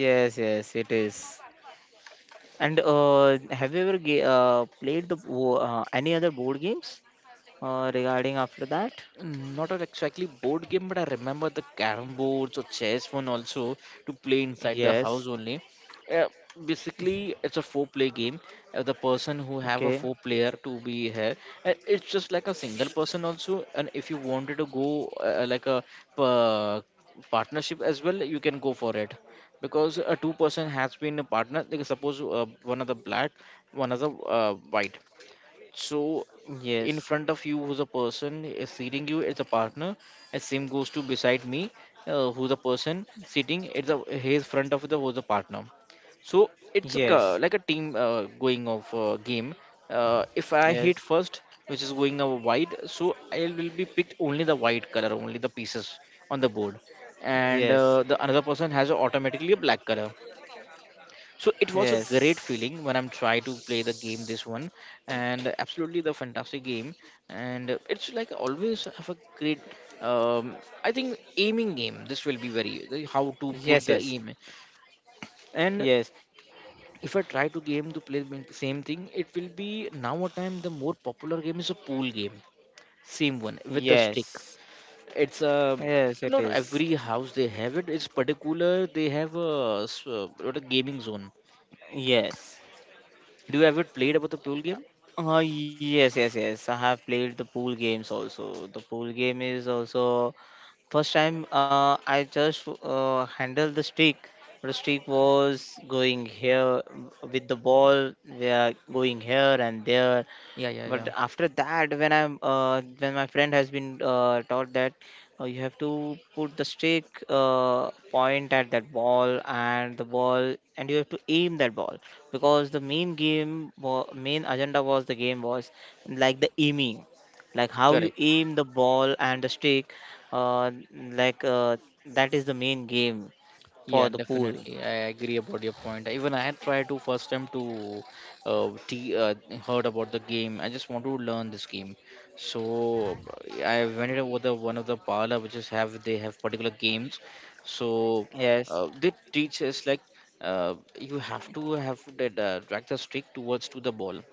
Speaker 2: yes, yes, it is. And uh, have you ever ga- uh, played the bo- uh, any other board games uh, regarding after that?
Speaker 1: Mm, Not a exactly board game, but I remember the carrom boards or chess one also to play inside the house
Speaker 2: Yes.
Speaker 1: only. Uh, Basically, it's a four-player game. Uh, the person who have a
Speaker 2: Okay.
Speaker 1: four-player to be here, and it's just like a single person also. And if you wanted to go uh, like a pa- partnership as well, you can go for it because a two-person has been a partner. Like suppose uh, one of the black, one of the uh, white, so
Speaker 2: Yes,
Speaker 1: in front of you, who's a person is sitting you, it's a partner, and same goes to beside me, uh, who's a person sitting, it's a his front of the who's a partner. So it's a, ca-
Speaker 2: yes,
Speaker 1: like a team uh, going of uh, game. Uh, if I hit
Speaker 2: yes,
Speaker 1: first, which is going a white, so I will be picked only the white color, only the pieces on the board, and
Speaker 2: yes,
Speaker 1: uh, the another person has automatically a black color. So it was a great
Speaker 2: yes,
Speaker 1: feeling when I'm trying to play the game this one, and absolutely the fantastic game, and it's like always have a great um i think aiming game. This will be very the- how to put
Speaker 2: yes,
Speaker 1: the
Speaker 2: yes,
Speaker 1: aim. And
Speaker 2: yes,
Speaker 1: if I try to game to play the same thing, it will be now a time the more popular game is a pool game, same one with the stick.
Speaker 2: yes,
Speaker 1: It's a
Speaker 2: yes, it
Speaker 1: not
Speaker 2: is.
Speaker 1: every house they have it. It's particular they have a, s- uh what a gaming zone.
Speaker 2: Yes.
Speaker 1: Do you ever played about the pool game?
Speaker 2: Oh, yes, yes, yes. I have played the pool games also. The pool game is also first time uh, I just uh, handled the streak. The streak was going here with the ball. We are going here and there.
Speaker 1: Yeah, yeah,
Speaker 2: But
Speaker 1: yeah.
Speaker 2: after that when i'm uh, when my friend has been uh, taught that uh, you have to put the stick uh, point at that ball and the ball and you have to aim that ball, because the main game wa- main agenda was the game was like the aiming, like how you
Speaker 1: Correct.
Speaker 2: aim the ball and the stick, uh, like uh, that is the main game for
Speaker 1: Yeah,
Speaker 2: the pool.
Speaker 1: definitely. I agree about your point. Even I had tried to first time to uh, t uh, heard about the game. I just want to learn this game. So I went over the one of the parlor which is have they have particular games. So
Speaker 2: Yes,
Speaker 1: uh, they teach us like uh, you have to have the uh, drag the stick towards to the ball.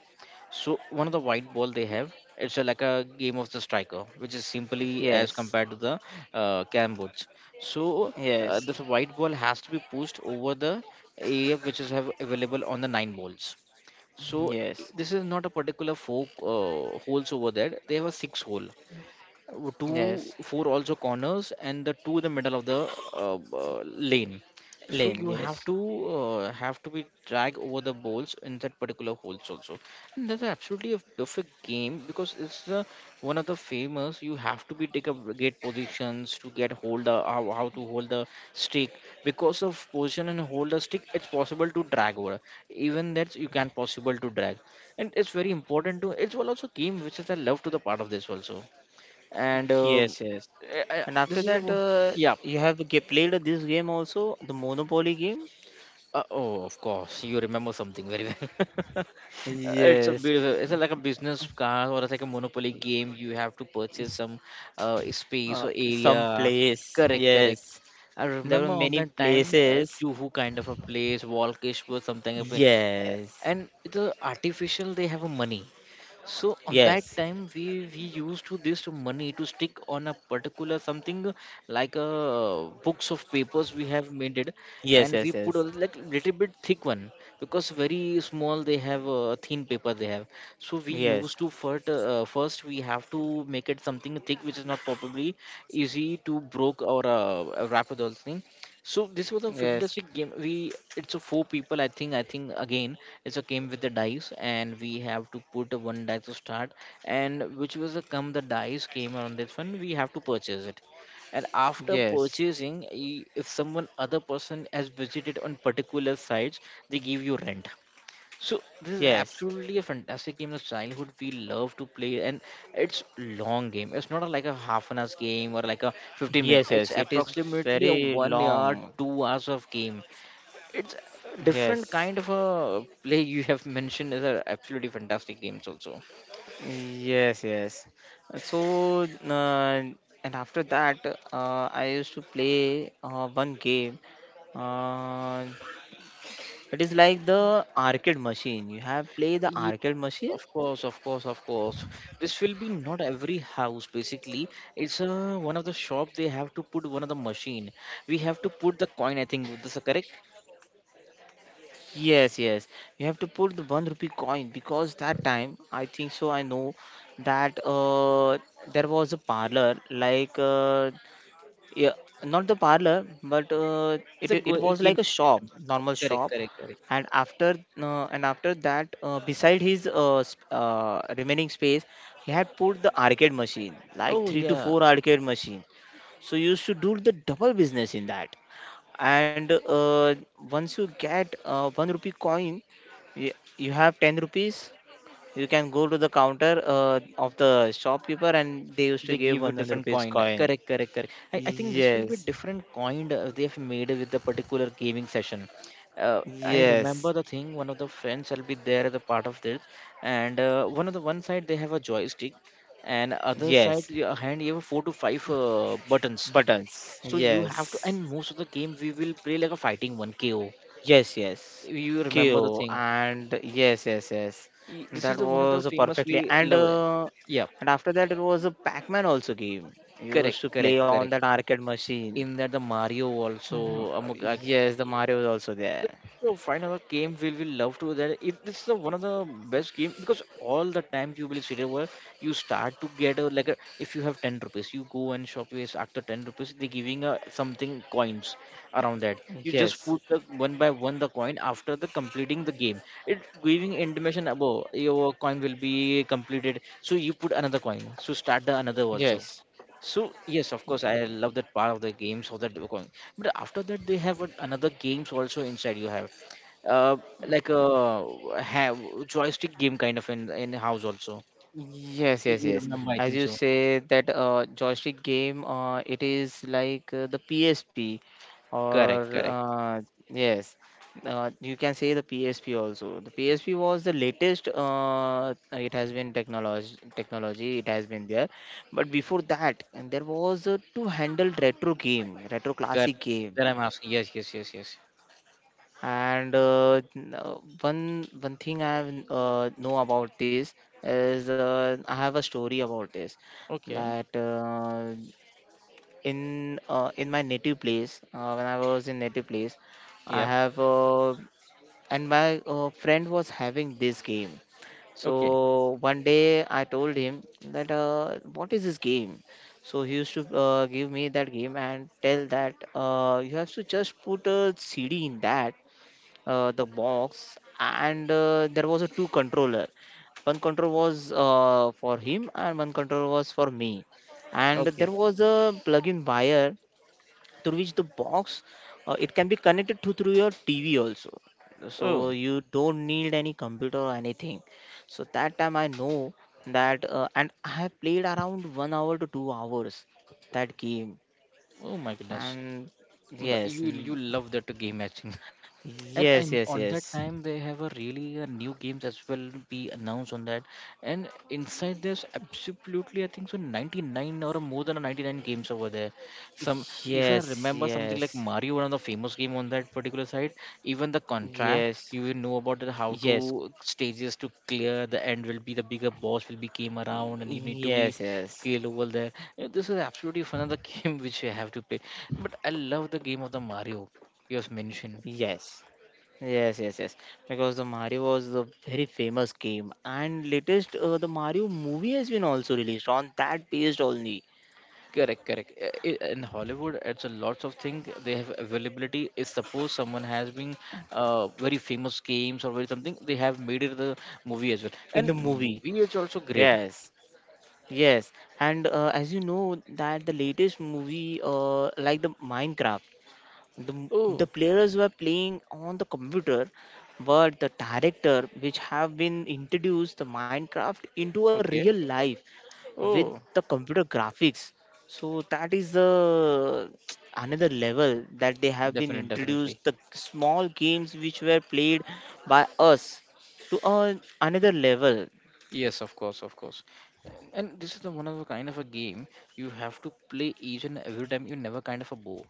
Speaker 1: So one of the white ball they have, it's a, like a game of the striker, which is simply as
Speaker 2: yes,
Speaker 1: compared to the uh, cam boards. So uh,
Speaker 2: yes,
Speaker 1: this white ball has to be pushed over the area which is have available on the nine balls. So i-
Speaker 2: yes,
Speaker 1: this is not a particular four uh, holes over there. They have a six hole two
Speaker 2: yes,
Speaker 1: four also corners, and the two in the middle of the uh, uh, lane, so
Speaker 2: lane,
Speaker 1: you
Speaker 2: yes.
Speaker 1: have to uh, have to be drag over the balls in that particular holes also, and that's absolutely a perfect game because it's the one of the famous. You have to be take up great positions to get hold the how, how to hold the stick because of position and hold the stick it's possible to drag over, even that you can possible to drag, and it's very important to it's also game which is I love to the part of this also, and uh,
Speaker 2: Yes, yes.
Speaker 1: eh, eh,
Speaker 2: And after
Speaker 1: this is the
Speaker 2: that,
Speaker 1: one-
Speaker 2: uh,
Speaker 1: yeah.
Speaker 2: you have g- played this game also, the Monopoly game.
Speaker 1: Uh, oh, of course you remember something very well. [laughs] Uh, it's a
Speaker 2: Yes,
Speaker 1: beautiful, it's a, like a business card or it's like a monopoly game. You have to purchase some uh, space
Speaker 2: uh,
Speaker 1: or
Speaker 2: some
Speaker 1: area.
Speaker 2: place.
Speaker 1: Correct, correct.
Speaker 2: Yes,
Speaker 1: I
Speaker 2: there were
Speaker 1: remember on
Speaker 2: many
Speaker 1: that time, uh,
Speaker 2: places.
Speaker 1: Juhu kind of a place, Walkish was something, of a-, uh,
Speaker 2: Yes,
Speaker 1: and the artificial they have a money, so on that
Speaker 2: yes,
Speaker 1: time we we used to this money to stick on a particular something, like a books of papers we have made it,
Speaker 2: yes,
Speaker 1: and we put a
Speaker 2: yes,
Speaker 1: like little bit thick one because very small they have a thin paper they have. So we
Speaker 2: yes,
Speaker 1: used to
Speaker 2: yes,
Speaker 1: first uh, first we have to make it something thick which is not probably easy to broke or uh, wrap with all thing. So this was a
Speaker 2: yes, yes,
Speaker 1: fantastic game. We it's a four people. I think I think again it's a game with the dice, and we have to put a one dice to start. And which was the come the dice came on this one, we have to purchase it. And after
Speaker 2: yes,
Speaker 1: purchasing, i- if someone other person has visited on particular sites, they give you rent, so this is absolutely a fantastic game of childhood we love to play, and it's long game. It's not a- like a half an hours game or like a fifteen
Speaker 2: yes,
Speaker 1: minute.
Speaker 2: yes.
Speaker 1: It's
Speaker 2: It is
Speaker 1: approximately a
Speaker 2: very
Speaker 1: one hour,
Speaker 2: long.
Speaker 1: two hours of game. It's a different
Speaker 2: Yes.
Speaker 1: kind of a play you have mentioned is a absolutely fantastic games also.
Speaker 2: Yes, yes. So, uh, and after that, uh, I used to play uh, one game. Uh, it is like the arcade machine. You have played the
Speaker 1: Yes,
Speaker 2: arcade machine?
Speaker 1: of course, of course, of course. This will be not every house basically. It's a, one of the shop they have to put one of the machine. We have to put the coin. I think this is correct.
Speaker 2: Yes, yes. You have to put the one rupee coin because that time I think so. I know that uh, there was a parlor like, uh, yeah, not the parlor, but uh, it
Speaker 1: It's a
Speaker 2: it
Speaker 1: go-
Speaker 2: was
Speaker 1: a
Speaker 2: like a
Speaker 1: gaming
Speaker 2: shop,
Speaker 1: session.
Speaker 2: normal shop.
Speaker 1: Correct, correct, correct.
Speaker 2: And after uh, and after that, uh, beside his uh, sp- uh, remaining space, he had put the arcade machine, like
Speaker 1: Oh
Speaker 2: three to
Speaker 1: yeah,
Speaker 2: four arcade machine. So you should do the double business in that, and uh, once you get uh, one rupee coin, y- you have ten rupees, you can go to the counter uh, of the shopkeeper and they used to
Speaker 1: they
Speaker 2: give
Speaker 1: give you
Speaker 2: one hundred
Speaker 1: different
Speaker 2: rupees
Speaker 1: coin.
Speaker 2: coin.
Speaker 1: Correct, correct, correct. I, I think this will be
Speaker 2: Yes,
Speaker 1: different coin uh, they have made with the particular gaming session. Uh, I remember
Speaker 2: yes,
Speaker 1: the thing. One of the friends will be there as a part of this, and uh, one of the one side they have a joystick, and other
Speaker 2: yes,
Speaker 1: side your hand you have four to five uh, buttons.
Speaker 2: buttons,
Speaker 1: So you
Speaker 2: yes,
Speaker 1: have to, and most of the game we will play like a fighting one K O.
Speaker 2: yes, yes,
Speaker 1: You remember the
Speaker 2: KO
Speaker 1: thing.
Speaker 2: and yes, yes, yes,
Speaker 1: Y- This
Speaker 2: that
Speaker 1: is the one of the
Speaker 2: was a
Speaker 1: famous
Speaker 2: perfectly
Speaker 1: we
Speaker 2: and
Speaker 1: love it.
Speaker 2: uh,
Speaker 1: Yeah.
Speaker 2: and after that, it was a Pac-Man also game you
Speaker 1: Correct,
Speaker 2: used to play
Speaker 1: correct,
Speaker 2: on
Speaker 1: correct.
Speaker 2: that arcade machine.
Speaker 1: In that the Mario
Speaker 2: Uh,
Speaker 1: also, um, like,
Speaker 2: Yes, the Mario is also there.
Speaker 1: so final game will we love to that. It this is the one of the best game because all the time you will sit over, you start to get a, like a, if you have ten rupees, you go and shop is after ten rupees they giving a something coins around that. You just
Speaker 2: Yes,
Speaker 1: put the one by one the coin after the completing the game. It giving intimation about your coin will be completed, so you put another coin. So start the another also,
Speaker 2: yes,
Speaker 1: so yes, of course, I love that part of the game. So that you can-, but after that they have a- another games also inside. You have uh, like a have joystick game kind of in in house also.
Speaker 2: yes, yes,
Speaker 1: You
Speaker 2: yes.
Speaker 1: remember? I
Speaker 2: As
Speaker 1: think
Speaker 2: you
Speaker 1: so.
Speaker 2: say that uh, joystick game, uh, it is like uh, the P S P, or
Speaker 1: Correct, correct,
Speaker 2: uh, yes, uh, you can say the P S P also. The P S P was the latest. Uh, it has been technology, technology. It has been there, but before that, and there was a two-handled retro game, retro
Speaker 1: correct.
Speaker 2: classic game.
Speaker 1: That I'm asking. Yes, yes, yes, yes.
Speaker 2: And uh, n- uh, one one thing I have, uh, know about this is, uh, I have a story about this,
Speaker 1: Okay.
Speaker 2: that uh, in uh, in my native place, uh, when I was in native place, I
Speaker 1: Yep.
Speaker 2: have, uh, and my uh, friend was having this game.
Speaker 1: Okay.
Speaker 2: So one day I told him that uh, what is this game? So he used to uh, give me that game and tell that uh, you have to just put a C D in that, uh, the box, and uh, there was a two controller, one control was uh, for him and one control was for me, and
Speaker 1: Okay.
Speaker 2: there was a plug-in wire through which the box, uh, it can be connected to through your TV also, so
Speaker 1: Oh.
Speaker 2: you don't need any computer or anything. So that time I know that, uh, and I have played around one hour to two hours that game.
Speaker 1: Oh my goodness.
Speaker 2: And
Speaker 1: But the- You
Speaker 2: yes,
Speaker 1: you
Speaker 2: n-
Speaker 1: love that game matching. and
Speaker 2: yes,
Speaker 1: and
Speaker 2: yes,
Speaker 1: on that
Speaker 2: yes.
Speaker 1: time they have a really uh, new games as well be announced on that, and inside there's absolutely I think so ninety-nine or more than ninety-nine games over there. Some if I
Speaker 2: Yes,
Speaker 1: remember something like
Speaker 2: yes,
Speaker 1: Mario, one of the famous game on that particular side. Even the contract
Speaker 2: yes,
Speaker 1: you will know about that how to
Speaker 2: yes,
Speaker 1: stages to clear the end will be the bigger boss will be came around and you need to be
Speaker 2: yes, yes,
Speaker 1: kill over there. Uh, this is absolutely fun of the [laughs] game which I have to play, but I love the game of the Mario you have mentioned.
Speaker 2: yes, yes, yes, yes. Because the Mario was a very famous game, and latest, uh, the Mario movie has been also released on that based only,
Speaker 1: Correct, correct. Uh, i- In Hollywood, it's a lots of things they have availability. If suppose someone has been uh, very famous games or very something, they have made it the movie as well.
Speaker 2: in the
Speaker 1: And
Speaker 2: movie.
Speaker 1: movie is also great.
Speaker 2: Yes, yes, and uh, as you know that the latest movie, uh, like the Minecraft. the m- the
Speaker 1: Oh,
Speaker 2: players were playing on the computer, but the director which have been introduced the Minecraft into a real
Speaker 1: okay.
Speaker 2: life with
Speaker 1: Oh,
Speaker 2: the computer graphics, so that is the [tsk] another level that they have been
Speaker 1: definite,
Speaker 2: introduced
Speaker 1: definitely.
Speaker 2: the small games which were played by us, to a, another level.
Speaker 1: Yes, of course, of course. And this is the one of a kind of a game. You have to play each and every time. You never kind of a bore.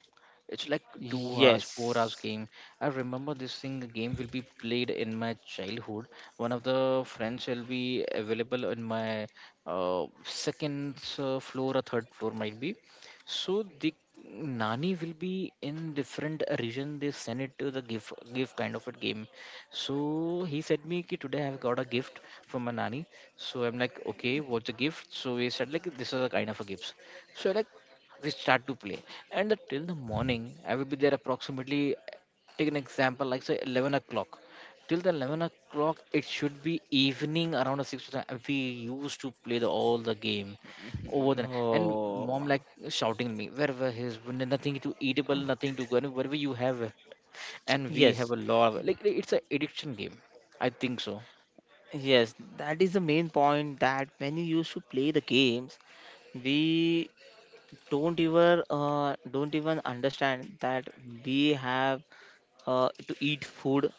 Speaker 1: It's like two hours. Yes. Four hours
Speaker 2: Yes,
Speaker 1: game. I remember this thing the game will be played in my childhood. One of the friends will be available in my uh, second uh, floor or third floor might be. So the Nani will be in different region. They send it to the give give kind of a game, so he said me ki today I've got a gift from my nanny. So I'm like, okay, what's the gift? So he said like this is a kind of a gift. So like we start to play, and the- till the morning I will be there approximately. Take an example like say eleven o'clock. Till the eleven o'clock, it should be evening around a six to seven. We used to play the, all the game over there, and mom
Speaker 2: oh
Speaker 1: like shouting me wherever his nothing to eatable, nothing to go wherever you have. And we
Speaker 2: yes.
Speaker 1: have a lot of like like, it's an addiction game, I think so.
Speaker 2: Yes, that is the main point, that when you used to play the games, we don't even uh, don't even understand that we have uh, to eat food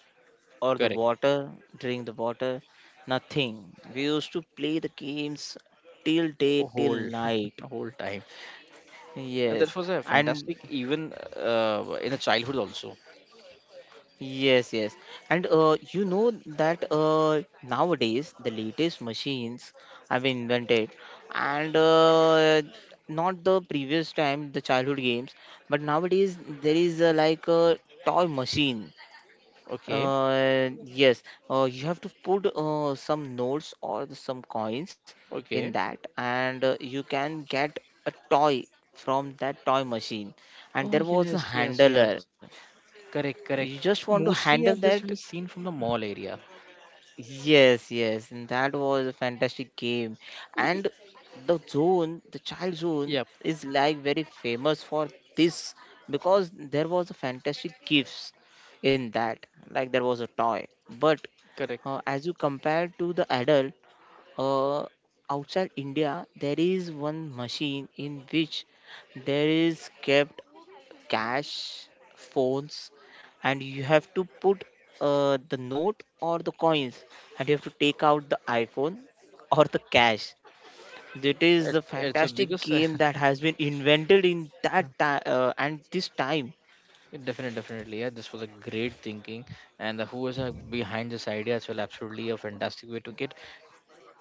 Speaker 2: or the
Speaker 1: Correct.
Speaker 2: water, drink the water, nothing. We used to play the games till day,
Speaker 1: Whole
Speaker 2: till night.
Speaker 1: [laughs] whole time. And that
Speaker 2: Yes,
Speaker 1: was a
Speaker 2: and
Speaker 1: fantastic even uh, in the childhood also.
Speaker 2: yes, yes. And uh, you know that uh, nowadays the latest machines have been invented, and uh, not the previous time, the childhood games, but nowadays there is uh, like a toy machine.
Speaker 1: Okay,
Speaker 2: Uh, yes, uh, you have to put uh, some notes or the- some coins in
Speaker 1: okay.
Speaker 2: that, and uh, you can get a toy from that toy machine. And
Speaker 1: Oh,
Speaker 2: there was a
Speaker 1: yes, yes,
Speaker 2: handler.
Speaker 1: yes. Correct,
Speaker 2: You
Speaker 1: correct.
Speaker 2: just want to handle
Speaker 1: Mostly uh,
Speaker 2: that.
Speaker 1: this will be seen from the mall area.
Speaker 2: Yes, yes, and that was a fantastic game.
Speaker 1: Y- y-
Speaker 2: And the zone, the child zone,
Speaker 1: yep.
Speaker 2: is like very famous for this, because there was a fantastic gifts in that. Like there was a toy, but
Speaker 1: Correct.
Speaker 2: uh, as you compare to the adult, uh, outside India, there is one machine in which there is kept cash, phones, and you have to put uh, the note or the coins, and you have to take out the iPhone or the cash. That is
Speaker 1: it's,
Speaker 2: the
Speaker 1: it's a
Speaker 2: fantastic
Speaker 1: biggest.
Speaker 2: game that
Speaker 1: [laughs]
Speaker 2: has been invented in that time uh, and this time.
Speaker 1: Definitely, definitely, yeah, this was a great thinking. And the who is uh, behind this idea as well, absolutely a fantastic way to get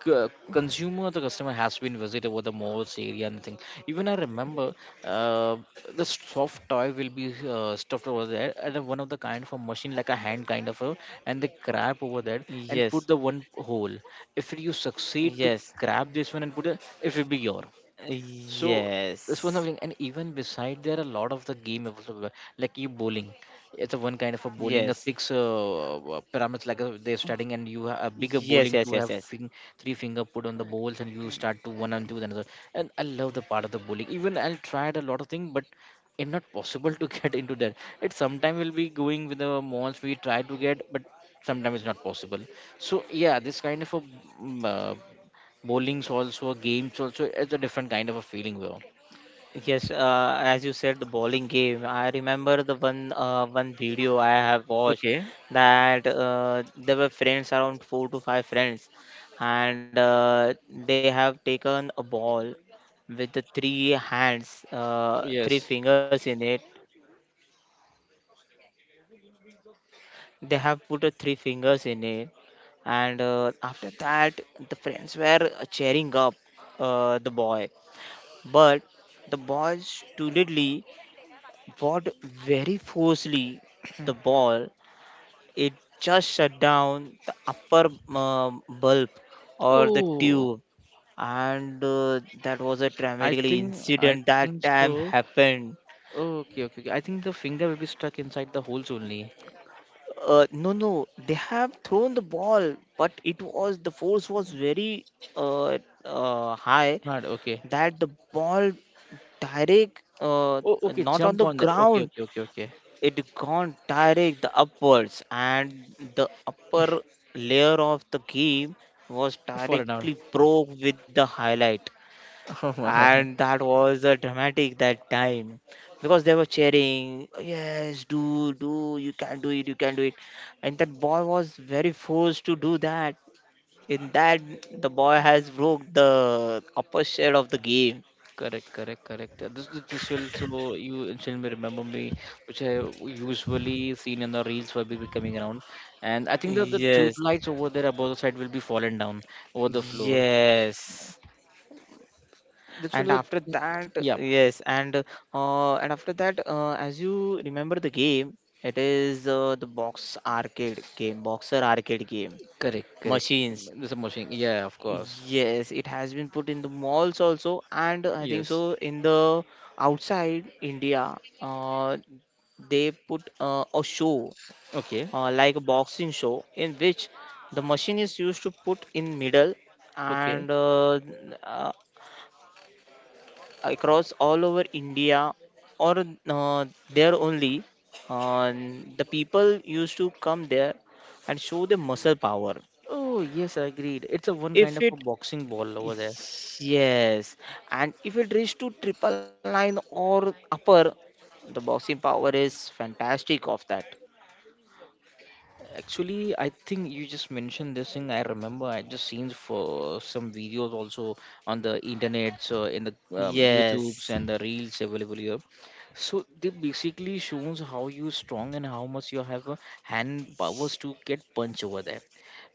Speaker 1: c- consumer, the customer has been visited over the malls area and thing. Even I remember uh, the soft toy will be uh, stuffed over there, and one of the kind of a machine like a hand kind of a, and they grab over there,
Speaker 2: Yes,
Speaker 1: and put the one hole. If you succeed to
Speaker 2: yes,
Speaker 1: grab this one and put it, it will be yours. So this was
Speaker 2: yes,
Speaker 1: something, and even beside there are a lot of the game available, like you bowling. It's a one kind of a bowling, a
Speaker 2: yes, yes,
Speaker 1: six uh, uh, parameters like uh, they're starting, and you have a bigger
Speaker 2: yes,
Speaker 1: bowling
Speaker 2: yes,
Speaker 1: to
Speaker 2: yes,
Speaker 1: have
Speaker 2: yes.
Speaker 1: fing- three finger put on the bowls, and you start to one and two then another. And I love the part of the bowling. Even I tried a lot of things, but it's not possible to [laughs] get into that. It sometime will be going with the malls we try to get, but sometimes it's not possible. So yeah, this kind of a mm, uh, bowling's also, games also, it's a different kind of a feeling, bro.
Speaker 2: Yes, uh, as you said, the bowling game. I remember the one uh, one video I have watched,
Speaker 1: Okay.
Speaker 2: that uh, there were friends around four to five friends, and uh, they have taken a ball with the three hands, uh, three
Speaker 1: Yes.
Speaker 2: fingers in it. They have put the three fingers in it, and uh, after that, the friends were cheering up uh, the boy, but the boy stupidly, what, very forcefully the ball, it just shut down the upper um, bulb or the
Speaker 1: Oh,
Speaker 2: tube, and uh, that was a
Speaker 1: I
Speaker 2: dramatically
Speaker 1: think I
Speaker 2: incident that
Speaker 1: think
Speaker 2: time
Speaker 1: so.
Speaker 2: happened.
Speaker 1: Okay, okay, okay. I think the finger will be stuck inside the holes only.
Speaker 2: Uh, no, no, they have thrown the ball, but it was the force was very, uh, uh, high,
Speaker 1: Not okay.
Speaker 2: that the ball direct, uh,
Speaker 1: Oh, okay,
Speaker 2: not on
Speaker 1: jump
Speaker 2: the
Speaker 1: on that. Okay,
Speaker 2: ground,
Speaker 1: okay, okay, okay.
Speaker 2: it gone direct the upwards, and the upper layer of the game was
Speaker 1: Fallen
Speaker 2: directly
Speaker 1: down.
Speaker 2: broke with the highlight.
Speaker 1: [laughs] Oh
Speaker 2: And
Speaker 1: my.
Speaker 2: that was a dramatic that time, because they were cheering, yes, do, do, you can do it, you can do it. And that boy was very forced to do that, in that the boy has broke the upper shell of the game.
Speaker 1: Correct, correct, correct. Uh, This this this will so you instantly remember me, which I usually seen in the reels will be coming around. And I think that the tube
Speaker 2: Yes,
Speaker 1: lights over there above the side will be fallen down over the floor.
Speaker 2: yes,
Speaker 1: That's what
Speaker 2: and after
Speaker 1: the
Speaker 2: that,
Speaker 1: yeah,
Speaker 2: yes, and uh, and after that, uh, as you remember the game, it is uh, the box arcade game, boxer arcade game
Speaker 1: correct, correct.
Speaker 2: machines.
Speaker 1: There's a motion. Yeah, of course.
Speaker 2: Yes, it has been put in the malls also, and I think so
Speaker 1: Yes.
Speaker 2: in the outside India, uh, they put uh, a show,
Speaker 1: Okay.
Speaker 2: uh, like a boxing show in which the machine is used to put in middle,
Speaker 1: Okay.
Speaker 2: and uh, uh, across all over India or, uh, there only. Uh, the people used to come there and show their muscle power.
Speaker 1: Oh yes, I agreed. It's a one kind
Speaker 2: If
Speaker 1: of
Speaker 2: it,
Speaker 1: a boxing ball over there.
Speaker 2: yes, and if it reaches to triple nine or upper, the boxing power is fantastic of that.
Speaker 1: Actually, I think you just mentioned this thing. I remember I just seen for some videos also on the internet, so in the um, YouTubes
Speaker 2: Yes,
Speaker 1: and the reels available here. So they basically shows how you strong and how much you have a hand powers to get punch over there.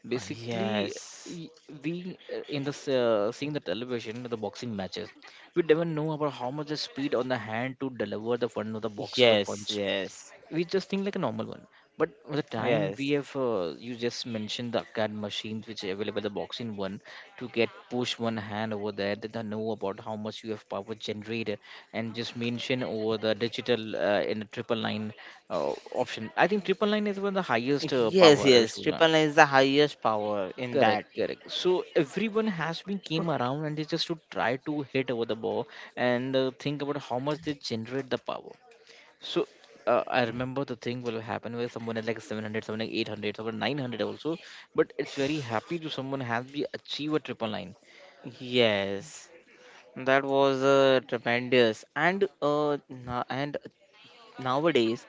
Speaker 1: Basically,
Speaker 2: yes,
Speaker 1: y- we uh, in this uh, seeing the television the boxing matches, we never know about how much the speed on the hand to deliver the front of the boxes or
Speaker 2: yes,
Speaker 1: punch.
Speaker 2: yes,
Speaker 1: We just think like a normal one, but with the time we
Speaker 2: yes,
Speaker 1: have uh, you just mentioned the card machines which are available the boxing one, to get push one hand over there, then they know about how much you have power generated, and just mention over the digital uh, in the triple line uh, option. I think triple line is one of the highest uh,
Speaker 2: yes,
Speaker 1: power I
Speaker 2: yes.
Speaker 1: should know.
Speaker 2: Triple nine is the highest power in that.
Speaker 1: Correct, correct. So everyone has been came around and they just to try to hit over the ball, and uh, think about how much they generate the power. So uh, I remember the thing will happen where someone is like seven hundred, someone like eight hundred, someone nine hundred also. But it's very happy to someone has be achieve a triple nine.
Speaker 2: Yes. That was uh, tremendous. And uh, na- and nowadays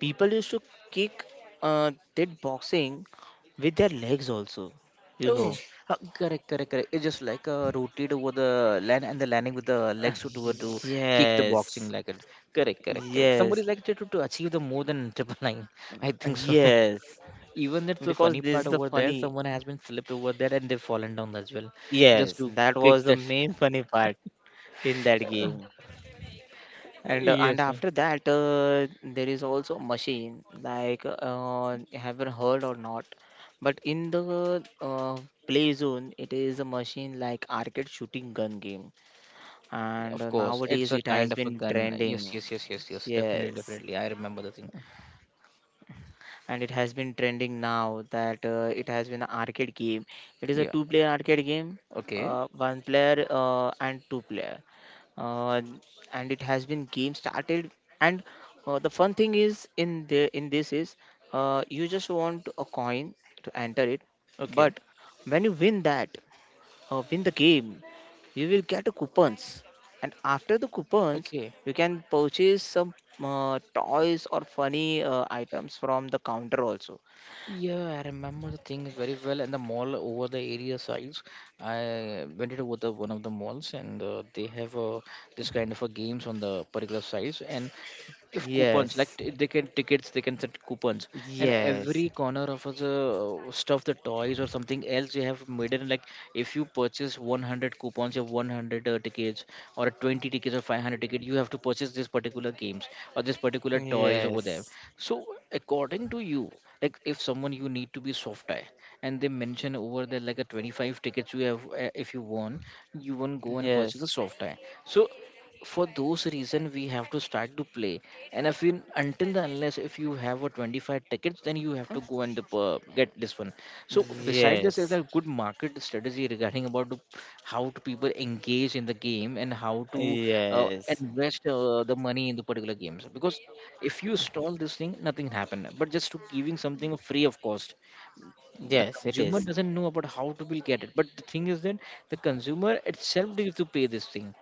Speaker 2: people used to kick uh, that boxing with their legs also. You know.
Speaker 1: Oh, Uh, correct, correct, correct. It's just like uh, rotate over the land and the landing with the legs to toward to
Speaker 2: [laughs]
Speaker 1: kick the boxing
Speaker 2: Yes.
Speaker 1: like it. Correct, correct, correct. Somebody
Speaker 2: Yes.
Speaker 1: like to, to to achieve the more than [laughs] triple nine. I think so.
Speaker 2: Yes.
Speaker 1: [laughs] Even that's the
Speaker 2: Because
Speaker 1: funny
Speaker 2: this
Speaker 1: part
Speaker 2: is the
Speaker 1: over there.
Speaker 2: funny.
Speaker 1: Someone has been slipped over there and they've fallen down as well, just
Speaker 2: Yes,
Speaker 1: to
Speaker 2: that
Speaker 1: kick
Speaker 2: was the
Speaker 1: that.
Speaker 2: main funny part in that game.
Speaker 1: [laughs]
Speaker 2: and uh, and
Speaker 1: Yes.
Speaker 2: after that, uh, there is also machine like, uh, haven't heard or not, but in the, uh, play zone, it is a machine like arcade shooting gun game, and
Speaker 1: Of
Speaker 2: uh,
Speaker 1: course, it's
Speaker 2: nowadays
Speaker 1: a
Speaker 2: it
Speaker 1: kind
Speaker 2: has
Speaker 1: of a
Speaker 2: been
Speaker 1: gun.
Speaker 2: trending.
Speaker 1: Yes, yes, yes, yes, yes. Definitely,
Speaker 2: Yes,
Speaker 1: definitely. I remember the thing.
Speaker 2: and it has been trending now, that uh, it has been an arcade game. It is a
Speaker 1: Yeah.
Speaker 2: two player arcade game,
Speaker 1: Okay.
Speaker 2: uh, one player uh, and two player. Uh, and it has been game started, and uh, the fun thing is in the in this is, uh, you just want a coin to enter it,
Speaker 1: Okay.
Speaker 2: but when you win that, uh, win the game, you will get a coupons, and after the coupons,
Speaker 1: Okay.
Speaker 2: you can purchase some uh, toys or funny uh, items from the counter also.
Speaker 1: Yeah, I remember the thing very well. And the mall over the area sides, I went into the one of the malls, and uh, they have uh, this kind of a games on the particular sides. And if coupons,
Speaker 2: Yes,
Speaker 1: like t- they can tickets, they can send coupons, and
Speaker 2: yes,
Speaker 1: every corner of the uh, stuff, the toys or something else, they have made it like if you purchase one hundred coupons, you have one hundred uh, tickets, or twenty tickets or five hundred tickets. You have to purchase this particular games or this particular toys over there.
Speaker 2: yes,
Speaker 1: So, according to you, like if someone you need to be soft tie, and they mention over there like a twenty-five tickets you have, uh, if you want, you won't go and
Speaker 2: yes,
Speaker 1: purchase a soft tie. So, for those reason, we have to start to play. And if you until the unless if you have a twenty-five tickets, then you have to go and uh, get this one. So beside this is
Speaker 2: yes,
Speaker 1: a good market strategy regarding about to- how to people engage in the game and how to uh,
Speaker 2: yes,
Speaker 1: invest uh, the money in the particular games. Because if you stall this thing, nothing happen. But just to giving something free of cost, the
Speaker 2: yes, it
Speaker 1: consumer
Speaker 2: is.
Speaker 1: doesn't know about how to will get it, but the thing is that the consumer itself needs to pay this thing,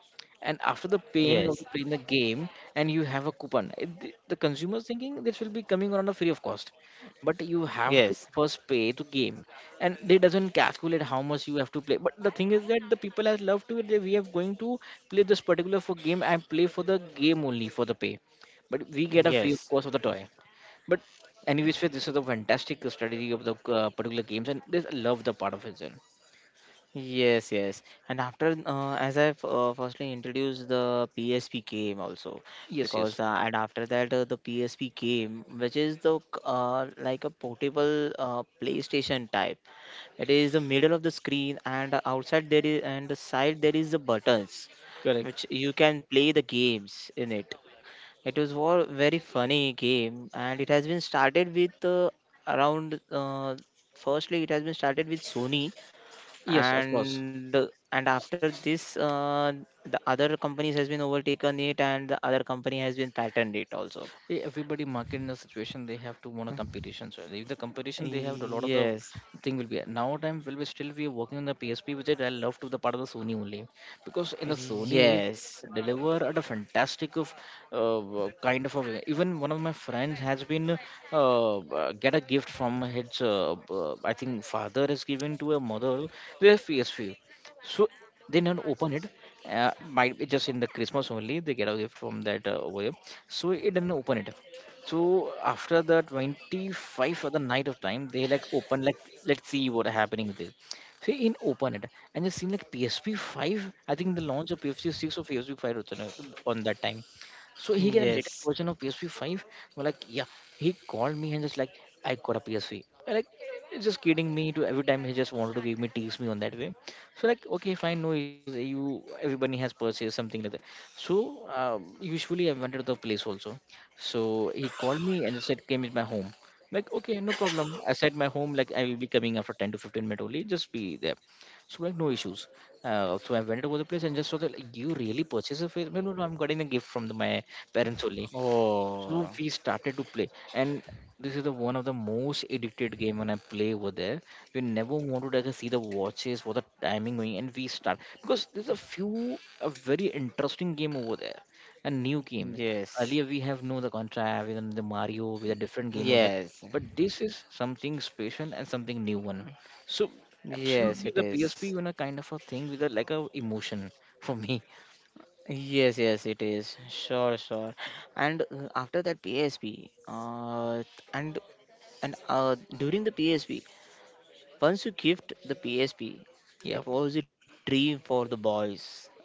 Speaker 1: and after the paying
Speaker 2: Yes,
Speaker 1: of the playing the game, and you have a coupon it, the the consumer's thinking this will be coming on a free of cost, but you have
Speaker 2: yes,
Speaker 1: to first pay to game, and they doesn't calculate how much you have to play, but the thing is that the people has love to it that we are going to play this particular for game, and play for the game only for the pay, but we get a free
Speaker 2: yes.
Speaker 1: of cost of the toy. But anyways, Faith, this is a fantastic strategy of the uh, particular games, and this, I love the part of it. Then.
Speaker 2: Yes, yes. And after, uh, as I've uh, firstly introduced the P S P game also,
Speaker 1: Yes,
Speaker 2: because
Speaker 1: yes.
Speaker 2: uh, and after that, uh, the P S P game, which is the c- uh, like a portable uh, PlayStation type. It is the middle of the screen, and outside there is, and the side there is the buttons,
Speaker 1: Correct.
Speaker 2: which you can play the games in it. It was war very funny game, and it has been started with, uh, around. Uh, firstly, it has been started with Sony,
Speaker 1: Yes, of course.
Speaker 2: and and after this, uh, the other companies has been overtaken it, and the other company has been patented it also.
Speaker 1: E- everybody market in a situation they have to want a competition, so if the competition they have a lot of the
Speaker 2: Yes,
Speaker 1: thing will be now time will be still be working on the PSP, which I love to the part of the Sony only, because in the Sony
Speaker 2: yes,
Speaker 1: they deliver at a fantastic of uh, uh, kind of a way. Even one of my friends has been uh, uh, get a gift from his uh, uh, I think father has given to a mother their PSP. So they don't open it. Uh, might be just in the Christmas only they get a gift from that uh, over here. So it didn't open it. So after the twenty-five of the night of time they like open like let's see what happening with this. So in open it, and it seen like PSP five. I think the launch of PSP six or PSP five was on uh, on that time. So he get a later
Speaker 2: yes,
Speaker 1: version of P S P five. Well, like, yeah, he called me and just like, I got a P S P. Am like, he's just kidding me. To every time he just wanted to give me, tease me on that way. So like okay, fine, no issues, you everybody has purchased something like that. So um, usually I went to the place also. So he called me and said came in my home. Like okay, no problem, I said my home like I will be coming after ten to fifteen minutes only, just be there. So like no issues. uh, so I went over the place and just saw that like, you really purchased a face? No, no, no, I'm getting a gift from the, my parents only. So
Speaker 2: oh
Speaker 1: we started to play, and this is the one of the most addicted game when I play over there. We never wanted to like, see the watches for the timing going, and we start, because there's a few a very interesting game over there, a new game.
Speaker 2: yes,
Speaker 1: Earlier we have no the contra, we have the mario with a different game over there,
Speaker 2: yes,
Speaker 1: but this is something special and something new one. So
Speaker 2: yes,
Speaker 1: absolutely
Speaker 2: it
Speaker 1: the PSP,
Speaker 2: is,
Speaker 1: you know, kind of a thing with a like a emotion for me. [laughs]
Speaker 2: yes, yes, it is, sure, sure. And uh, after that PSP, uh, and and uh, during the PSP, once you gift the PSP,
Speaker 1: Yeah,
Speaker 2: it was a dream for the boys.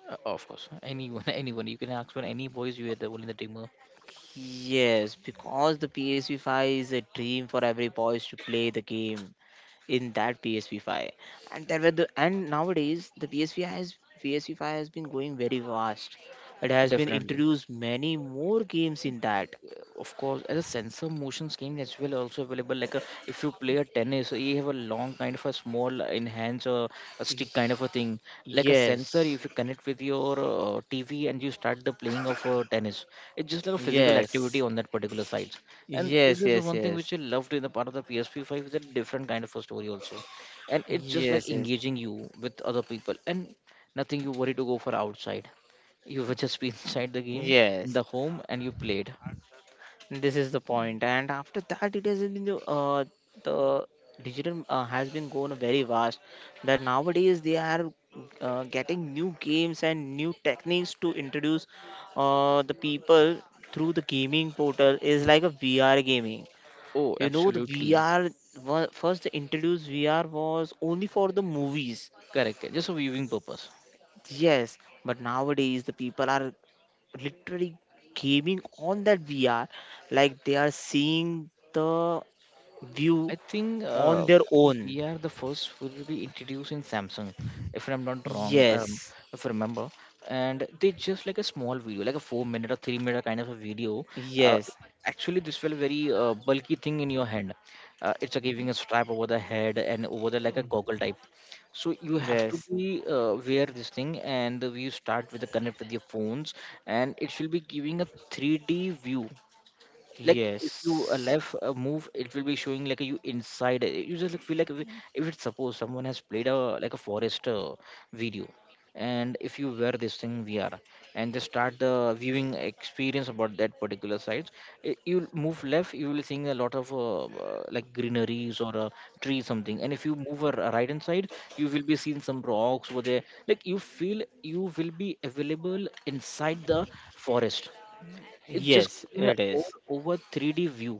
Speaker 1: Uh, of course, anyone, [laughs] anyone. You can ask for any boys. You are the one in the team. uh,
Speaker 2: Yes, because the P S P five is a dream for every boys to play the game in that P S P five. And there were the, and nowadays the P S P has, P S P five has been going very fast. It has been
Speaker 1: Definitely.
Speaker 2: introduced many more games in that.
Speaker 1: Of course, as a sensor motion scheme as well also available, like a, if you play a tennis, so you have a long kind of a small enhance or a stick kind of a thing like a sensor.
Speaker 2: Yes.
Speaker 1: If you connect with your uh, TV and you start the playing of uh, tennis, it's just like a physical activity
Speaker 2: Yes.
Speaker 1: on that particular site. And this
Speaker 2: Yes,
Speaker 1: is the
Speaker 2: yes,
Speaker 1: one thing
Speaker 2: yes.
Speaker 1: which I loved in the part of the p s p five, is a different kind of a story also, and it's just like
Speaker 2: Yes, yes.
Speaker 1: engaging you with other people, and nothing you worry to go for outside. You were [laughs] just be inside the game, in the
Speaker 2: Yes.
Speaker 1: home, and you played.
Speaker 2: This is the point, and after that, it has been the, uh, the digital, uh, has been going very vast. That nowadays they are uh, getting new games and new techniques to introduce uh, the people through the gaming portal, is like a V R gaming.
Speaker 1: Oh,
Speaker 2: You know, the
Speaker 1: absolutely.
Speaker 2: V R, wa- first they introduced V R was only for the movies.
Speaker 1: Correct. Just for viewing purpose.
Speaker 2: Yes, but nowadays the people are literally gaming on that V R, like they are seeing the view
Speaker 1: I think
Speaker 2: on
Speaker 1: uh,
Speaker 2: their own.
Speaker 1: we are the first who will be introducing Samsung, if I'm not wrong, um,
Speaker 2: Yes,
Speaker 1: if I remember. And they just like a small video, like a four minute or three minute kind of a video. Uh,
Speaker 2: yes,
Speaker 1: actually, this felt very uh, bulky thing in your hand. Uh, it's uh, giving a strap over the head and over the like a goggle type. So you have to
Speaker 2: yes,
Speaker 1: be uh, wear this thing, and you start with the connect with your phones, and it will be giving a three D view. Like if you uh,
Speaker 2: yes,
Speaker 1: left a move, it will be showing like you inside it. You just like, feel like if, it- if it's suppose someone has played a like a forest uh, video, and if you wear this thing VR, and they start the viewing experience about that particular site. I- you move left, you will seeing a lot of uh, uh, like greeneries or a tree something, and if you move a r- right hand side, you will be seeing some rocks over there. Like you feel you will be available inside the forest. It's just
Speaker 2: yes,
Speaker 1: giving a
Speaker 2: it is.
Speaker 1: over, over three d view,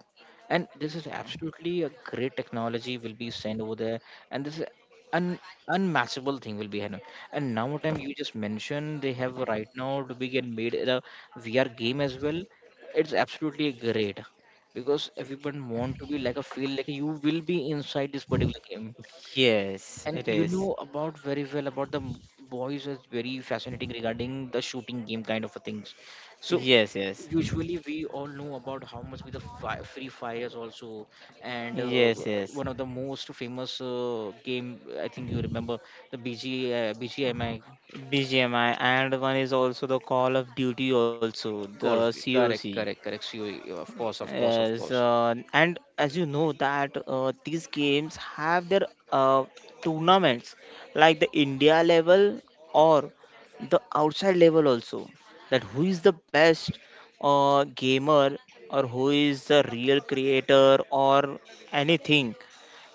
Speaker 1: and this is absolutely a great technology will be sent over there, and this is an unmatchable thing will be happening. And now what time you just mentioned, they have right now to be get made a VR game as well. It's absolutely great, because everyone want to be like a feel like you will be inside this particular game.
Speaker 2: Yes,
Speaker 1: And
Speaker 2: it
Speaker 1: you
Speaker 2: is.
Speaker 1: know about very well about the m- boys is very fascinating regarding the shooting game kind of a things. So
Speaker 2: Yes, yes,
Speaker 1: usually we all know about how much with the fi- free fires also, and uh,
Speaker 2: yes, yes.
Speaker 1: one of the most famous uh, game, I think you remember, the B G uh, B G M I.
Speaker 2: B G M I, and one is also the Call of Duty, also
Speaker 1: Call of
Speaker 2: the
Speaker 1: Duty. Correct,
Speaker 2: C O C.
Speaker 1: correct, correct. C O E, of course, of course, of
Speaker 2: Yes,
Speaker 1: course.
Speaker 2: uh, and as you know that uh, these games have their uh, tournaments, like the India level or the outside level also. That who is the best uh, gamer or who is the real creator or anything,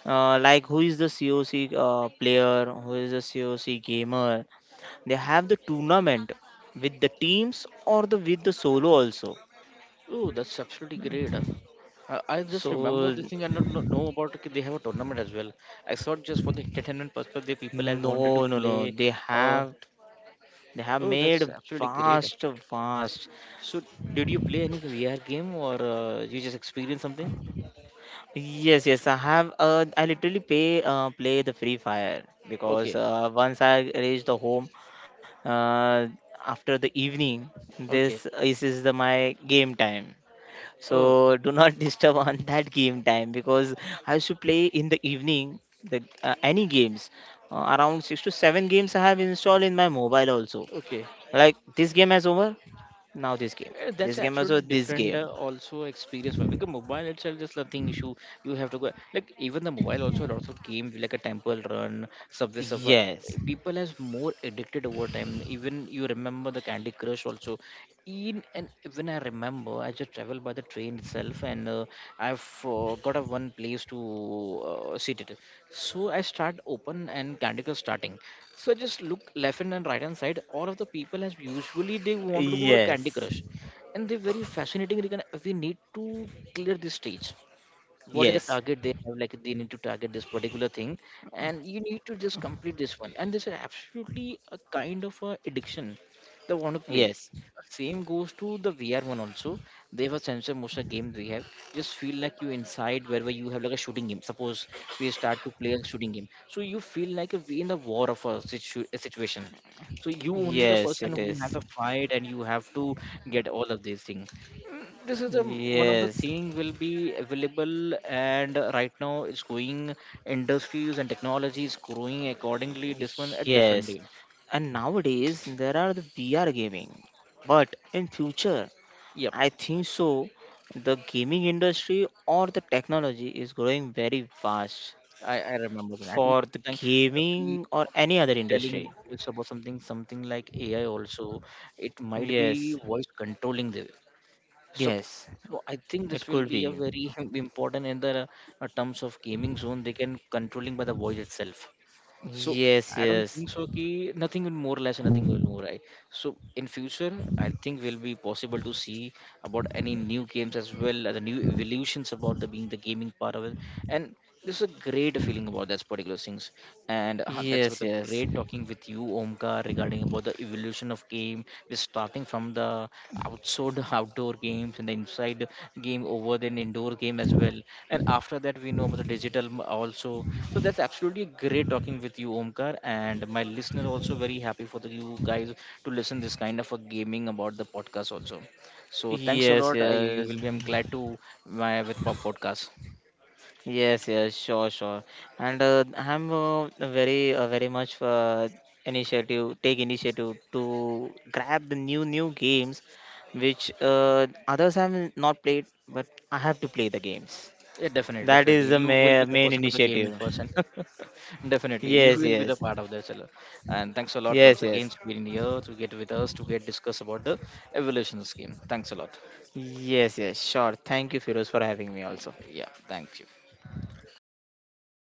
Speaker 2: uh, like who is the C O C uh, player, who is the C O C gamer. They have the tournament with the teams or the with the solo also,
Speaker 1: Oh, that's absolutely great. Uh, I just remember
Speaker 2: so.
Speaker 1: this thing. I don't kno- know about. Okay, they have a tournament as well. I saw it just for the [laughs] entertainment purpose, the people have wanted to
Speaker 2: No, no, no.
Speaker 1: play.
Speaker 2: They
Speaker 1: Or
Speaker 2: have, they have
Speaker 1: oh,
Speaker 2: made
Speaker 1: that's absolutely great.
Speaker 2: vast, vast.
Speaker 1: So, did you play any V R game or uh, you just experienced something?
Speaker 2: Yes, yes. I have. Uh, I literally pay uh, play the Free Fire, because
Speaker 1: Okay,
Speaker 2: uh, once I reach the home, uh, after the evening, this
Speaker 1: okay.
Speaker 2: is, is the, my game time.
Speaker 1: Oh,
Speaker 2: So do not [laughs] disturb on that game time, because I used to play in the evening the, uh, any games. Uh, around six to seven games I have installed in my mobile also.
Speaker 1: okay.
Speaker 2: Like this game has over, now this game.
Speaker 1: Uh, that's
Speaker 2: This game also
Speaker 1: absolutely
Speaker 2: this
Speaker 1: different
Speaker 2: game.
Speaker 1: uh, also experience for, because mobile itself is nothing issue. You have to go like even the mobile also lots of games like a Temple Run, Subway Surfer.
Speaker 2: Yes.
Speaker 1: People has more addicted over time. Even you remember the Candy Crush also. In and when I remember, I just travel by the train itself, and uh, I've uh, got a one place to uh, sit it. So I start open and Candy Crush starting. So I just look left and right hand side. All of the people as usually they wanted to go to Candy
Speaker 2: Yes.
Speaker 1: Crush, and they're very fascinating. Rick, and we need to clear this stage, what is the
Speaker 2: Yes.
Speaker 1: target they have, like they need to target this particular thing, and you need to just complete this one. And this is absolutely a kind of a addiction they want to play.
Speaker 2: Yes.
Speaker 1: Same goes to the VR one also. They have a sensor motion game, we have just feel like you inside wherever you have, like a shooting game suppose. We start to play a shooting game, so you feel like a, we in the war of a, situ- a situation. So you only the
Speaker 2: Yes,
Speaker 1: person
Speaker 2: it
Speaker 1: who has
Speaker 2: is.
Speaker 1: a fight, and you have to get all of these things. This is a one of the
Speaker 2: Yes.
Speaker 1: thing will be available. And uh, right now it's going industries, and technology is growing accordingly this one uh,
Speaker 2: Yes.
Speaker 1: differently.
Speaker 2: And nowadays there are the V R gaming. But in future,
Speaker 1: Yep.
Speaker 2: I think so the gaming industry or the technology is growing very fast
Speaker 1: I i remember that, I think
Speaker 2: for the
Speaker 1: something, uh, we
Speaker 2: gaming or any other
Speaker 1: telling
Speaker 2: industry.
Speaker 1: about this, about something something like AI also. It might be
Speaker 2: Yes.
Speaker 1: voice controlling the. So
Speaker 2: Yes.
Speaker 1: so I think this
Speaker 2: It
Speaker 1: will
Speaker 2: could
Speaker 1: be a
Speaker 2: be.
Speaker 1: very [laughs] important in the uh, terms of gaming zone, they can controlling by the voice itself. So
Speaker 2: Yes,
Speaker 1: I don't
Speaker 2: yes.
Speaker 1: think so. Ki nothing will more or less nothing will more right. So in future, I think will be possible to see about any new games as well as the new evolutions about the being the gaming part of it. And there's a great feeling about that particular things. And uh, that's
Speaker 2: Yes,
Speaker 1: what a
Speaker 2: yes.
Speaker 1: great talking with you, Omkar, regarding about the the evolution of game we're starting from the outside [laughs] outdoor games and the inside game, over then indoor game as well, and after that we know about the digital m- also. So that's absolutely great talking with you, Omkar, and my listener also very happy for the, you guys, to listen this kind of a gaming about the podcast also. So thanks a
Speaker 2: Yes,
Speaker 1: lot, I,
Speaker 2: yes,
Speaker 1: you will be, I'm glad to my with pop podcast.
Speaker 2: yes, yes, sure, sure. And uh, I'm, uh, very, uh, very much uh, initiative, take initiative to grab the new, new games which uh, others have not played, but I have to play the games.
Speaker 1: Yeah, definitely,
Speaker 2: That
Speaker 1: definitely.
Speaker 2: is the
Speaker 1: You will be
Speaker 2: ma-
Speaker 1: the
Speaker 2: main
Speaker 1: person of the gaming
Speaker 2: initiative.
Speaker 1: person. [laughs] Definitely, you
Speaker 2: Yes,
Speaker 1: will be the
Speaker 2: yes,
Speaker 1: part of this. Hello. And thanks a lot once
Speaker 2: yes,
Speaker 1: again
Speaker 2: yes,
Speaker 1: to being here to get with us, to get discuss about the evolution scheme. Thanks a lot.
Speaker 2: yes, yes, sure. Thank you, Firoz, for having me also.
Speaker 1: Yeah, thank you.